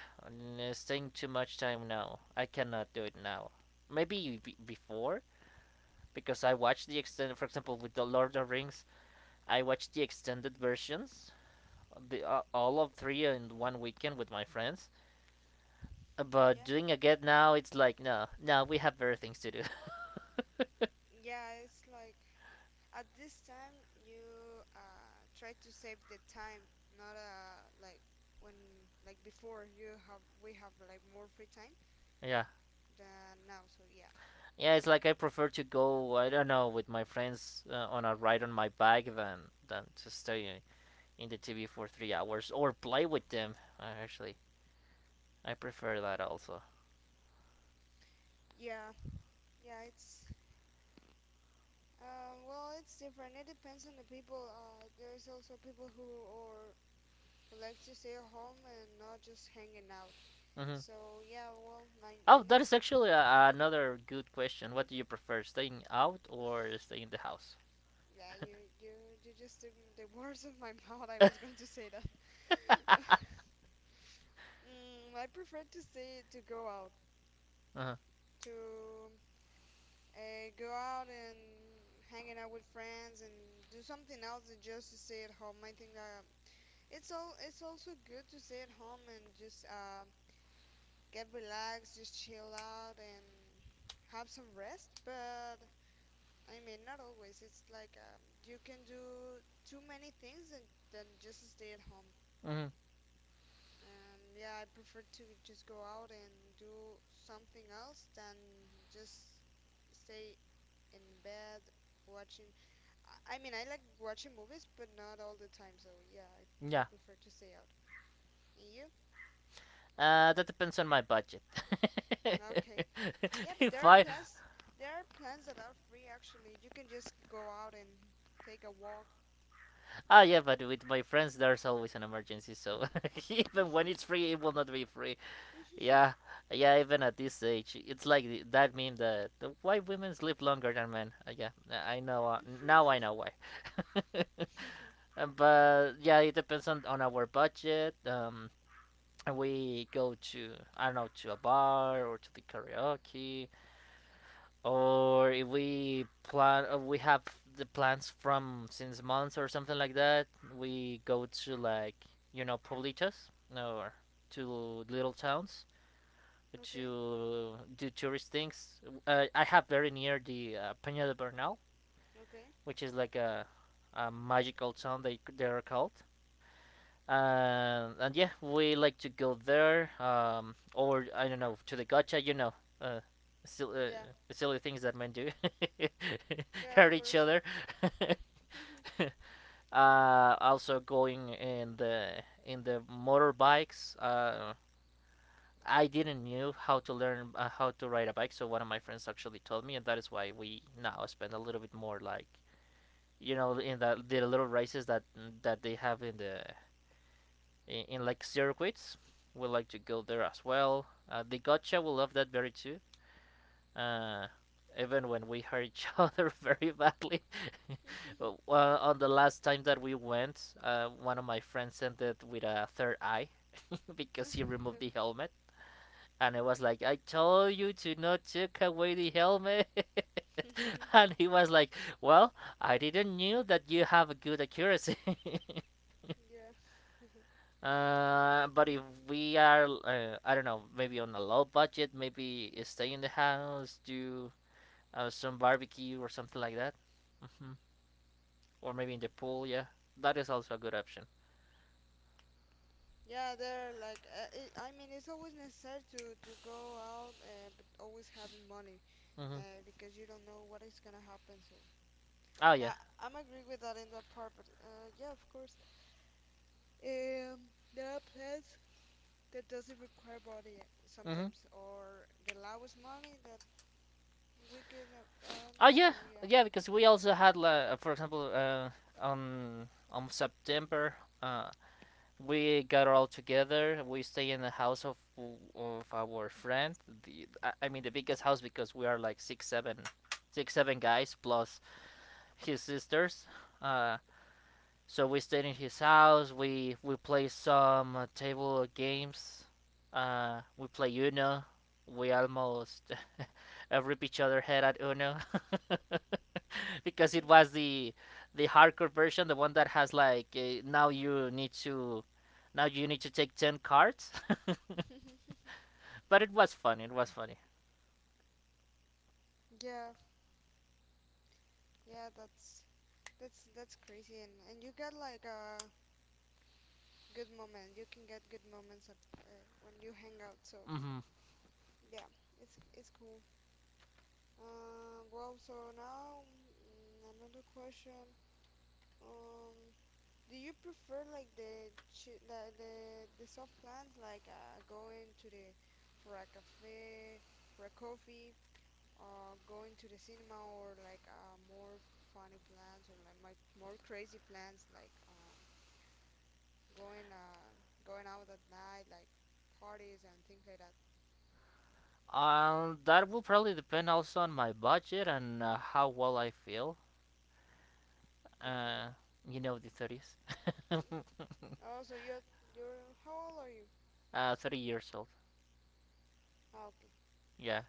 Speaker 2: staying too much time now, I cannot do it now. Maybe be- before, because I watched the extended. For example, with the Lord of the Rings, I watched the extended versions, the uh, all of three in one weekend with my friends. But
Speaker 1: yeah,
Speaker 2: doing again now, it's like, no, no, we have better things to do.
Speaker 1: yeah. It's like at this time you uh, try to save the time, not uh, like when like before you have we have like more free time
Speaker 2: Yeah,
Speaker 1: than now. So yeah,
Speaker 2: yeah, it's like I prefer to go, I don't know, with my friends, uh, on a ride on my bike than than to stay in the T V for three hours or play with them. Uh, actually, I prefer that also.
Speaker 1: yeah, yeah. It's um, well, it's different. It depends on the people. Uh, there's also people who or who like to stay at home and not just hanging out.
Speaker 2: Hmm.
Speaker 1: So yeah, well, my my
Speaker 2: Oh, that is
Speaker 1: next qu-
Speaker 2: actually a, another good question. What do you prefer, staying out or staying in the house?
Speaker 1: yeah, you you you just took the words of my mouth. I was going to say that. Mm, I prefer to stay to go out
Speaker 2: Uh-huh.
Speaker 1: to uh, go out and hanging out with friends and do something else than just to stay at home. I think that it's all it's also good to stay at home and just um, get relaxed, just chill out and have some rest, but I mean not always. It's like um, you can do too many things and then just stay at home.
Speaker 2: Hmm.
Speaker 1: And yeah, I prefer to just go out and do something else than just stay in bed watching. I, I mean, I like watching movies, but not all the time. So yeah, I, I
Speaker 2: Yeah.
Speaker 1: prefer to stay out. And you?
Speaker 2: Uh, that depends on my budget.
Speaker 1: Okay. Yeah, but
Speaker 2: If
Speaker 1: there are
Speaker 2: I...
Speaker 1: plans. There are plans that are free. Actually, you can just go out and take a walk.
Speaker 2: Ah yeah, but with my friends there's always an emergency, so even when it's free, it will not be free. Yeah, yeah. Even at this age, it's like the, that meme that, the, why women live longer than men. Uh, yeah, I know. Uh, now I know why. But yeah, it depends on on our budget. Um, we go to, I don't know, to a bar or to the karaoke, or if we plan, uh, we have the plans from since months or something like that, we go to, like, you know, politas, or to little towns
Speaker 1: Okay.
Speaker 2: to do tourist things. uh, I have very near the, uh, Peña de Bernal,
Speaker 1: Okay.
Speaker 2: which is like a, a magical town, they they're called. Um, and yeah, we like to go there, um, or I don't know, to the gacha, you know, uh, still, uh,
Speaker 1: Yeah.
Speaker 2: silly things that men do,
Speaker 1: Yeah. Of
Speaker 2: hurt each
Speaker 1: course.
Speaker 2: other.
Speaker 1: Yeah.
Speaker 2: uh, Also going in the in the motorbikes. Uh, I didn't knew how to learn, uh, how to ride a bike, so one of my friends actually told me, and that is why we now spend a little bit more, like, you know, in the the little races that that they have in the, in, in like circuits. We like to go there as well. Uh, the gotcha will love that very too. Uh, Even when we hurt each other very badly. Well, on the last time that we went, uh, one of my friends ended with a third eye because he removed the helmet. And I was like, I told you to not take away the helmet. And he was like, well, I didn't knew that you have a good accuracy. Uh, but if we are, uh, I don't know, maybe on a low budget, maybe stay in the house, do uh, some barbecue or something like that. Hmm. Or maybe in the pool, yeah. That is also a good option.
Speaker 1: Yeah. There are, like, uh, it, I mean, it's always necessary to to go out, uh, but always having money,
Speaker 2: Hmm.
Speaker 1: uh, because you don't know what is gonna happen. So.
Speaker 2: Oh, yeah.
Speaker 1: Yeah, I'm agree with that in that part. But uh, yeah, of course. Um, there are plans that doesn't require body
Speaker 2: Hmm.
Speaker 1: sometimes, or the lowest money that we can uh, earn.
Speaker 2: Oh,
Speaker 1: So
Speaker 2: yeah.
Speaker 1: yeah,
Speaker 2: Yeah, because we also had, uh, for example, uh, on, on September, uh, we got all together. We stay in the house of, of our friend. The, I I mean, the biggest house because we are like six, seven six seven guys plus his sisters. Uh, so we stayed in his house. We we play some, uh, table games. Uh, we play Uno. We almost rip each other head at Uno because it was the the hardcore version, the one that has like, uh, now you need to now you need to take ten cards. But it was fun. It was funny.
Speaker 1: yeah, yeah. That's that's that's crazy, and and you get like a good moment. You can get good moments ab- uh, when you hang out. So
Speaker 2: Hmm.
Speaker 1: yeah, it's it's cool. Um, well, so now mm, another question. Um, Do you prefer like the chi- the the, the soft plans like uh, going to the for a cafe for a coffee, or going to the cinema, or like uh, more funny plans, or like my, more crazy plans like um going uh going out at night like parties and things like that?
Speaker 2: Um, that will probably depend also on my budget and, uh, how well I feel. Uh,
Speaker 1: Okay.
Speaker 2: you know, the thirties.
Speaker 1: Mm. Oh, so you're you're how old are you?
Speaker 2: uh, thirty years old.
Speaker 1: Ah, okay.
Speaker 2: Yeah.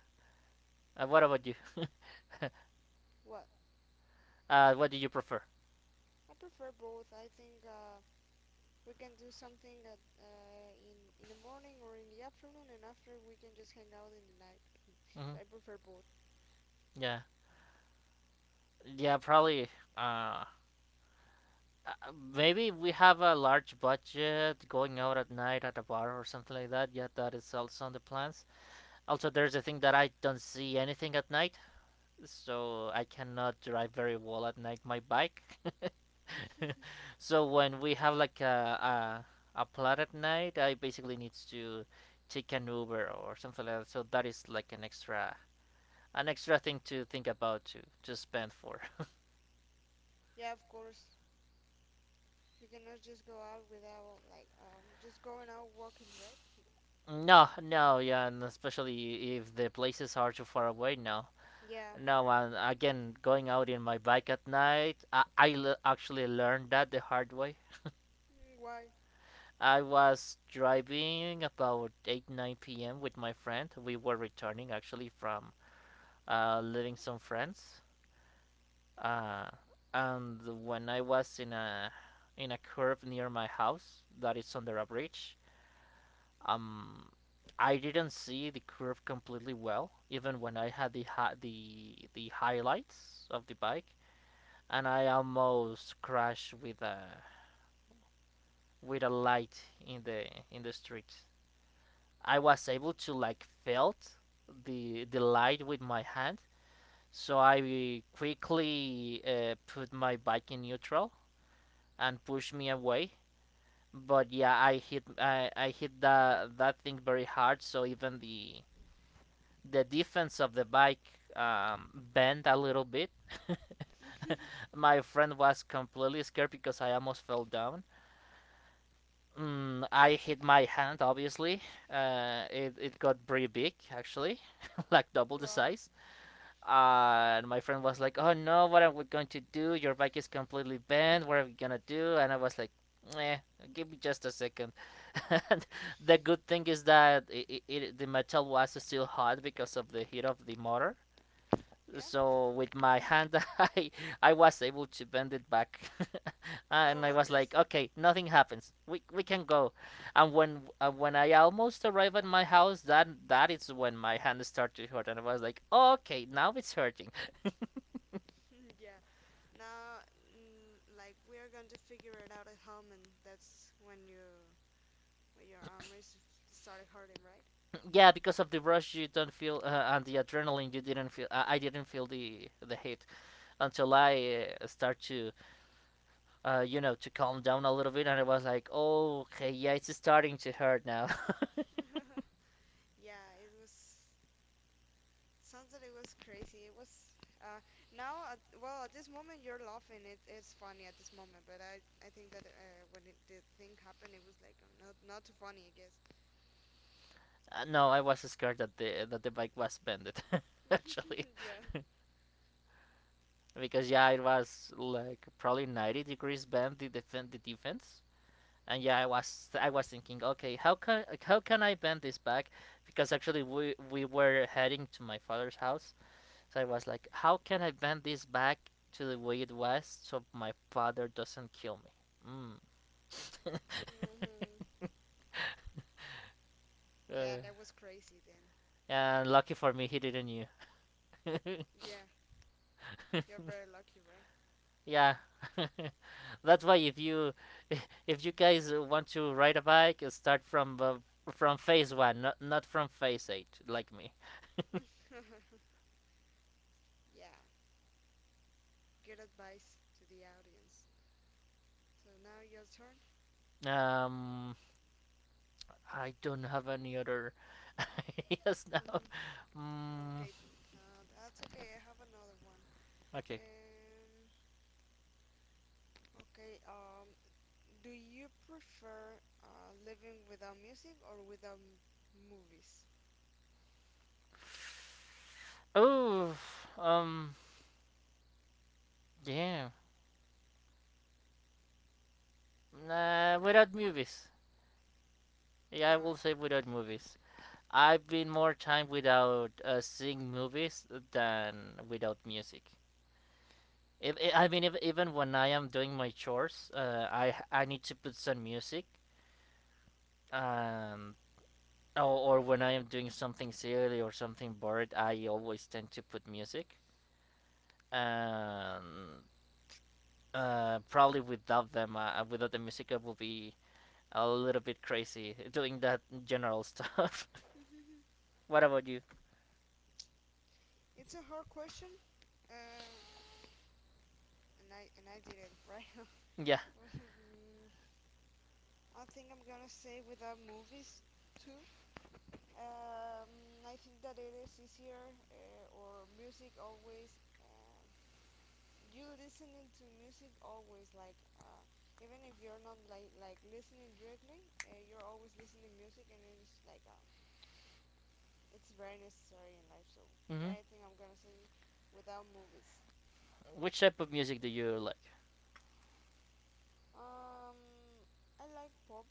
Speaker 2: Uh, what about you?
Speaker 1: Well,
Speaker 2: Uh, what do you prefer?
Speaker 1: I prefer both. I think uh we can do something at uh, in in the morning or in the afternoon, and after we can just hang out in the night.
Speaker 2: Hmm.
Speaker 1: So I prefer both.
Speaker 2: Yeah. Yeah, probably. Uh, uh, Maybe we have a large budget going out at night at a bar or something like that. Yeah, that is also on the plans. Also, there's a thing that I don't see anything at night, so I cannot drive very well at night my bike. So when we have like a a, a plot at night, I basically needs to take an Uber or something like that. So that is like an extra an extra thing to think about to to spend for.
Speaker 1: Yeah, of course. You cannot just go out without like um just going out walking, right?
Speaker 2: No, no, yeah, and especially if the places are too far away, no.
Speaker 1: Yeah.
Speaker 2: No, and again, going out in my bike at night, I, I l- actually learned that the hard way.
Speaker 1: Mm, why?
Speaker 2: I was driving about 8 nine p m with my friend. We were returning actually from, uh, living some friends. Uh, and when I was in a in a curve near my house that is under a bridge, um, I didn't see the curve completely well, even when I had the hi- the the highlights of the bike, and I almost crashed with a with a light in the in the street. I was able to like felt the the light with my hand, so I quickly, uh, put my bike in neutral and pushed me away. But yeah, I hit I, I hit that that thing very hard. So even the the defense of the bike, um, bent a little bit. My friend was completely scared because I almost fell down. Mm, I hit my hand, obviously. Uh, it, it got pretty big, actually, like double the
Speaker 1: Wow.
Speaker 2: size. Uh, and my friend was like, "Oh no, what are we going to do? Your bike is completely bent. What are we gonna do?" And I was like, "Eh, give me just a second." The good thing is that it, it, the metal was still hot because of the heat of the motor.
Speaker 1: Yeah.
Speaker 2: So with my hand, I I was able to bend it back, and
Speaker 1: Oh,
Speaker 2: I
Speaker 1: at
Speaker 2: was
Speaker 1: least.
Speaker 2: like, "Okay, nothing happens. We we can go." And when uh, when I almost arrived at my house, that that is when my hand started to hurt, and I was like, "Okay, now it's hurting."
Speaker 1: Yeah. Now, mm, like we are going to figure it out at home, and that's when you when your arm is started hurting, right?
Speaker 2: Yeah, because of the rush, you don't feel, uh, and the adrenaline, you didn't feel. Uh, I didn't feel the the hit until I uh, start to, uh, you know, to calm down a little bit, and I was like, oh, okay, yeah, it's starting to hurt now.
Speaker 1: Yeah, it was sounds that it was crazy. It was uh, now, at, well, at this moment you're laughing. It, it's funny at this moment, but I, I think that uh, when it, the thing happened, it was like uh, not not too funny, I guess.
Speaker 2: Uh, no, I was scared that the that the bike was bended, actually,
Speaker 1: Yeah.
Speaker 2: because yeah, it was like probably ninety degrees bend the defend the defense, and yeah, I was I
Speaker 1: Wow.
Speaker 2: was thinking, okay, how can how can I bend this back? Because actually, we we were heading to my father's house. So I was like, how can I bend this back to the Wild West so my father doesn't kill me? Mm.
Speaker 1: Hmm. Yeah,
Speaker 2: Uh,
Speaker 1: that was crazy then.
Speaker 2: and lucky for me, he didn't knew.
Speaker 1: Yeah, you're very lucky, right?
Speaker 2: Yeah, that's why if you if you guys want to ride a bike, start from uh, from phase one, not not from phase eight, like me.
Speaker 1: Yeah. Good advice to the audience. So now your turn.
Speaker 2: Um, I don't have any other ideas now.
Speaker 1: Mm,
Speaker 2: Mm,
Speaker 1: okay. Uh, that's okay. I have another one.
Speaker 2: okay.
Speaker 1: Um. Okay. Um. Do you prefer uh, living without music or without m- movies?
Speaker 2: Oh, um, yeah. Nah, without movies. Yeah, I will
Speaker 1: Why?
Speaker 2: say without movies. I've been more time without uh, seeing movies than without music. If, I I mean, if, even when I am doing my chores, uh, I I need to put some music, um, or, or when I am doing something silly or something bored, I always tend to put music. Um, uh, Probably without them, uh, without the music, I will be a little bit crazy doing that general stuff. What about you?
Speaker 1: It's a hard question. Uh, and I and I did it right.
Speaker 2: Yeah.
Speaker 1: Mm, I think I'm gonna say without movies too. Um, I think that it is easier. Uh, or music always. Uh, you listening to music always like. Uh, even if you're not like like listening directly, uh, you're always listening music, and it is like a it's very necessary in life. So
Speaker 2: Hmm.
Speaker 1: yeah, I think I'm gonna say without movies.
Speaker 2: Which type of music do you like?
Speaker 1: Um, I like pop,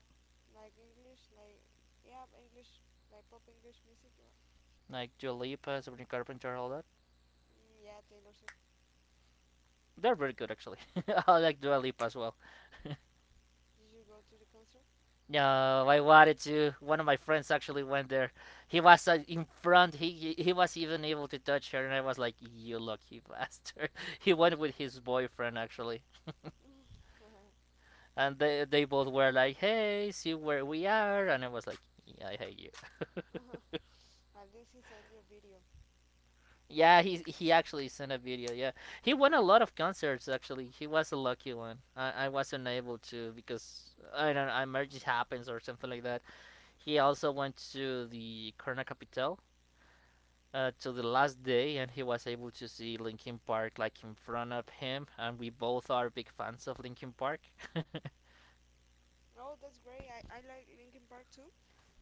Speaker 1: like English, like yeah, English, like pop English music. You're right.
Speaker 2: Like Dua Lipa, Sabrina Carpenter, all that?
Speaker 1: Mm, yeah, Taylor Swift.
Speaker 2: They're very good, actually. I like Dua Lipa as well.
Speaker 1: Did you go to the concert?
Speaker 2: No, I wanted to. One of my friends actually went there. He was uh, in front. He, he he was even able to touch her, and I was like, "You lucky bastard." He went with his boyfriend actually, and they they both were like, "Hey, see where we are," and I was like, "Yeah, I hate you."
Speaker 1: At least he sent you a video.
Speaker 2: Yeah, he he actually sent a video. Yeah, he won a lot of concerts. Actually, he was a lucky one. I, I wasn't able to because I don't know, emergency happens or something like that. He also went to the Corona Capital uh, to the last day, and he was able to see Linkin Park like in front of him. And we both are big fans of Linkin Park.
Speaker 1: Oh, that's great. I, I like Linkin Park too,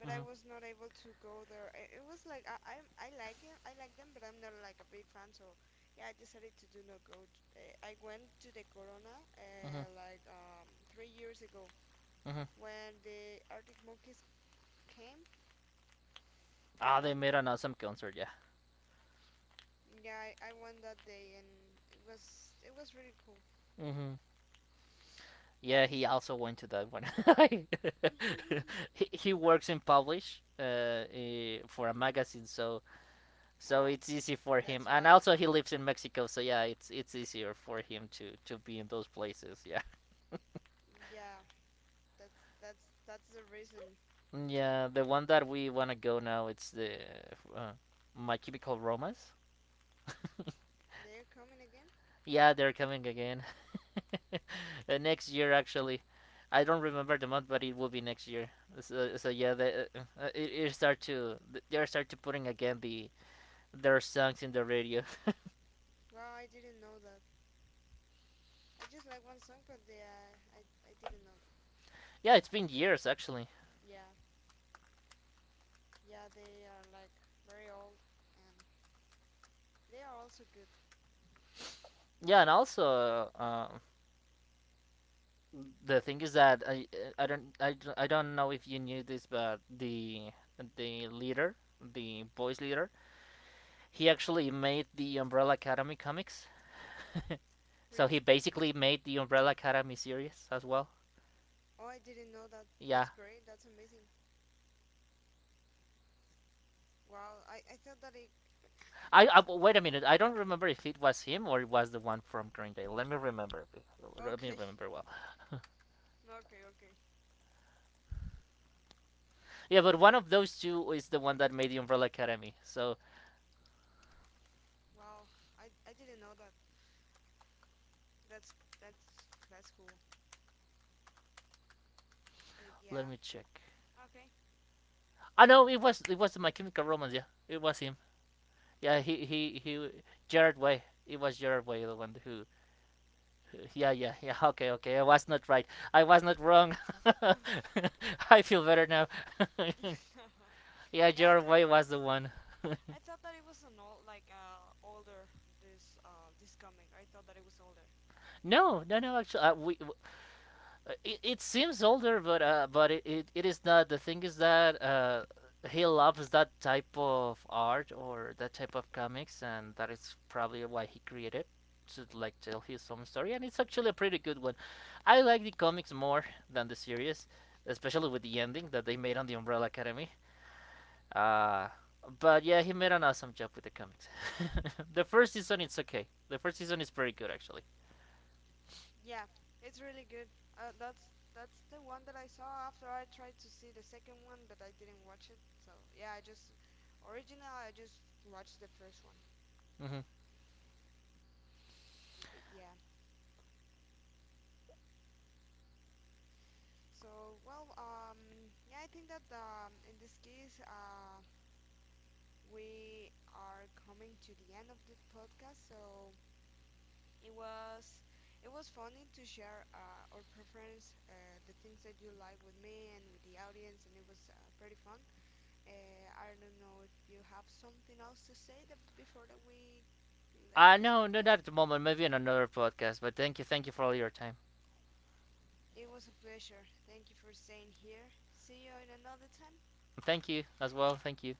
Speaker 1: but I was
Speaker 2: Hmm.
Speaker 1: not able to go there. I, it was like I I'm, I like it. I like them, but I'm not like a big fan. So yeah, I decided to do not go. Uh, I went to the Corona
Speaker 2: Hmm.
Speaker 1: uh, like um three years ago
Speaker 2: Hmm.
Speaker 1: when the Arctic Monkeys came. I
Speaker 2: Ah, they
Speaker 1: went.
Speaker 2: made an awesome concert. Yeah.
Speaker 1: Yeah, I, I went that day, and it was it was really cool.
Speaker 2: Hmm. Yeah, he also went to that one. he, he works in Polish, uh, eh, for a magazine, so so
Speaker 1: Oh,
Speaker 2: it's easy for him.
Speaker 1: that's
Speaker 2: And
Speaker 1: why.
Speaker 2: also he lives in Mexico, so yeah, it's it's easier for him to to be in those places. Yeah,
Speaker 1: Yeah, that's that's that's the reason.
Speaker 2: yeah. The one that we wanna go now, it's the uh, My Chemical Romance.
Speaker 1: They're coming again?
Speaker 2: Yeah, they're coming again. Uh, next year, actually. I don't remember the month, but it will be next year. So, so yeah, they, uh, uh, it, it start to they're start to putting again the their songs in the radio.
Speaker 1: Wow, I didn't know that. I just like one song, but they, uh, I I didn't know that.
Speaker 2: Yeah, it's been years actually.
Speaker 1: Yeah, yeah, they are like very old, and they are also good.
Speaker 2: Yeah, and also uh, the thing is that I I don't I, I don't know if you knew this, but the the leader, the boys leader, he actually made the Umbrella Academy comics. So
Speaker 1: Really?
Speaker 2: he basically made the Umbrella Academy series as well.
Speaker 1: Oh, I didn't know that.
Speaker 2: Yeah.
Speaker 1: That's great. That's amazing. Wow, I I thought that it.
Speaker 2: I, I wait a minute. I don't remember if it was him or it was the one from Green Day. Let me remember. Let me
Speaker 1: Okay,
Speaker 2: remember well.
Speaker 1: okay, okay.
Speaker 2: Yeah, but one of those two is the one that made the Umbrella Academy. So
Speaker 1: Wow, I I didn't know that. That's that's that's cool. But
Speaker 2: let
Speaker 1: yeah,
Speaker 2: me check.
Speaker 1: okay.
Speaker 2: I know it was it was my chemical romance. Yeah, it was him. Yeah, he he he. Jared Way. It was Jared Way the one who. Yeah, yeah, yeah. Okay, okay. I was not right. I was not wrong. I feel better now. Yeah,
Speaker 1: Yeah, I
Speaker 2: Jared
Speaker 1: thought
Speaker 2: Way
Speaker 1: that was.
Speaker 2: was the one.
Speaker 1: I thought that it was an old, like uh, older this uh this comic. I thought that it was older.
Speaker 2: No, no, no. Actually, uh, we Uh, it, it seems older, but uh, but it, it, it is not. The thing is that uh, he loves that type of art or that type of comics, and that is probably why he created to like tell his own story. And it's actually a pretty good one. I like the comics more than the series, especially with the ending that they made on the Umbrella Academy. Uh, but yeah, he made an awesome job with the comics. The first season, it's okay. The first season is pretty good actually.
Speaker 1: Yeah, it's really good. Uh, that's that's the one that I saw after I tried to see the second one, but I didn't watch it. So yeah, I just original. I just watched the first one.
Speaker 2: Hmm.
Speaker 1: But yeah. So well, um, yeah, I think that um, in this case, uh, we are coming to the end of the podcast. So it was it was funny to share uh, our preference, uh, the things that you like with me and with the audience, and it was uh, pretty fun. Uh, I don't know if you have something else to say that before that we left
Speaker 2: Uh,
Speaker 1: this
Speaker 2: no, no, not
Speaker 1: podcast.
Speaker 2: at the moment. Maybe in another podcast. But thank you, thank you for all your time.
Speaker 1: It was a pleasure. Thank you for staying here. See you in another time.
Speaker 2: Thank you as well. Thank you.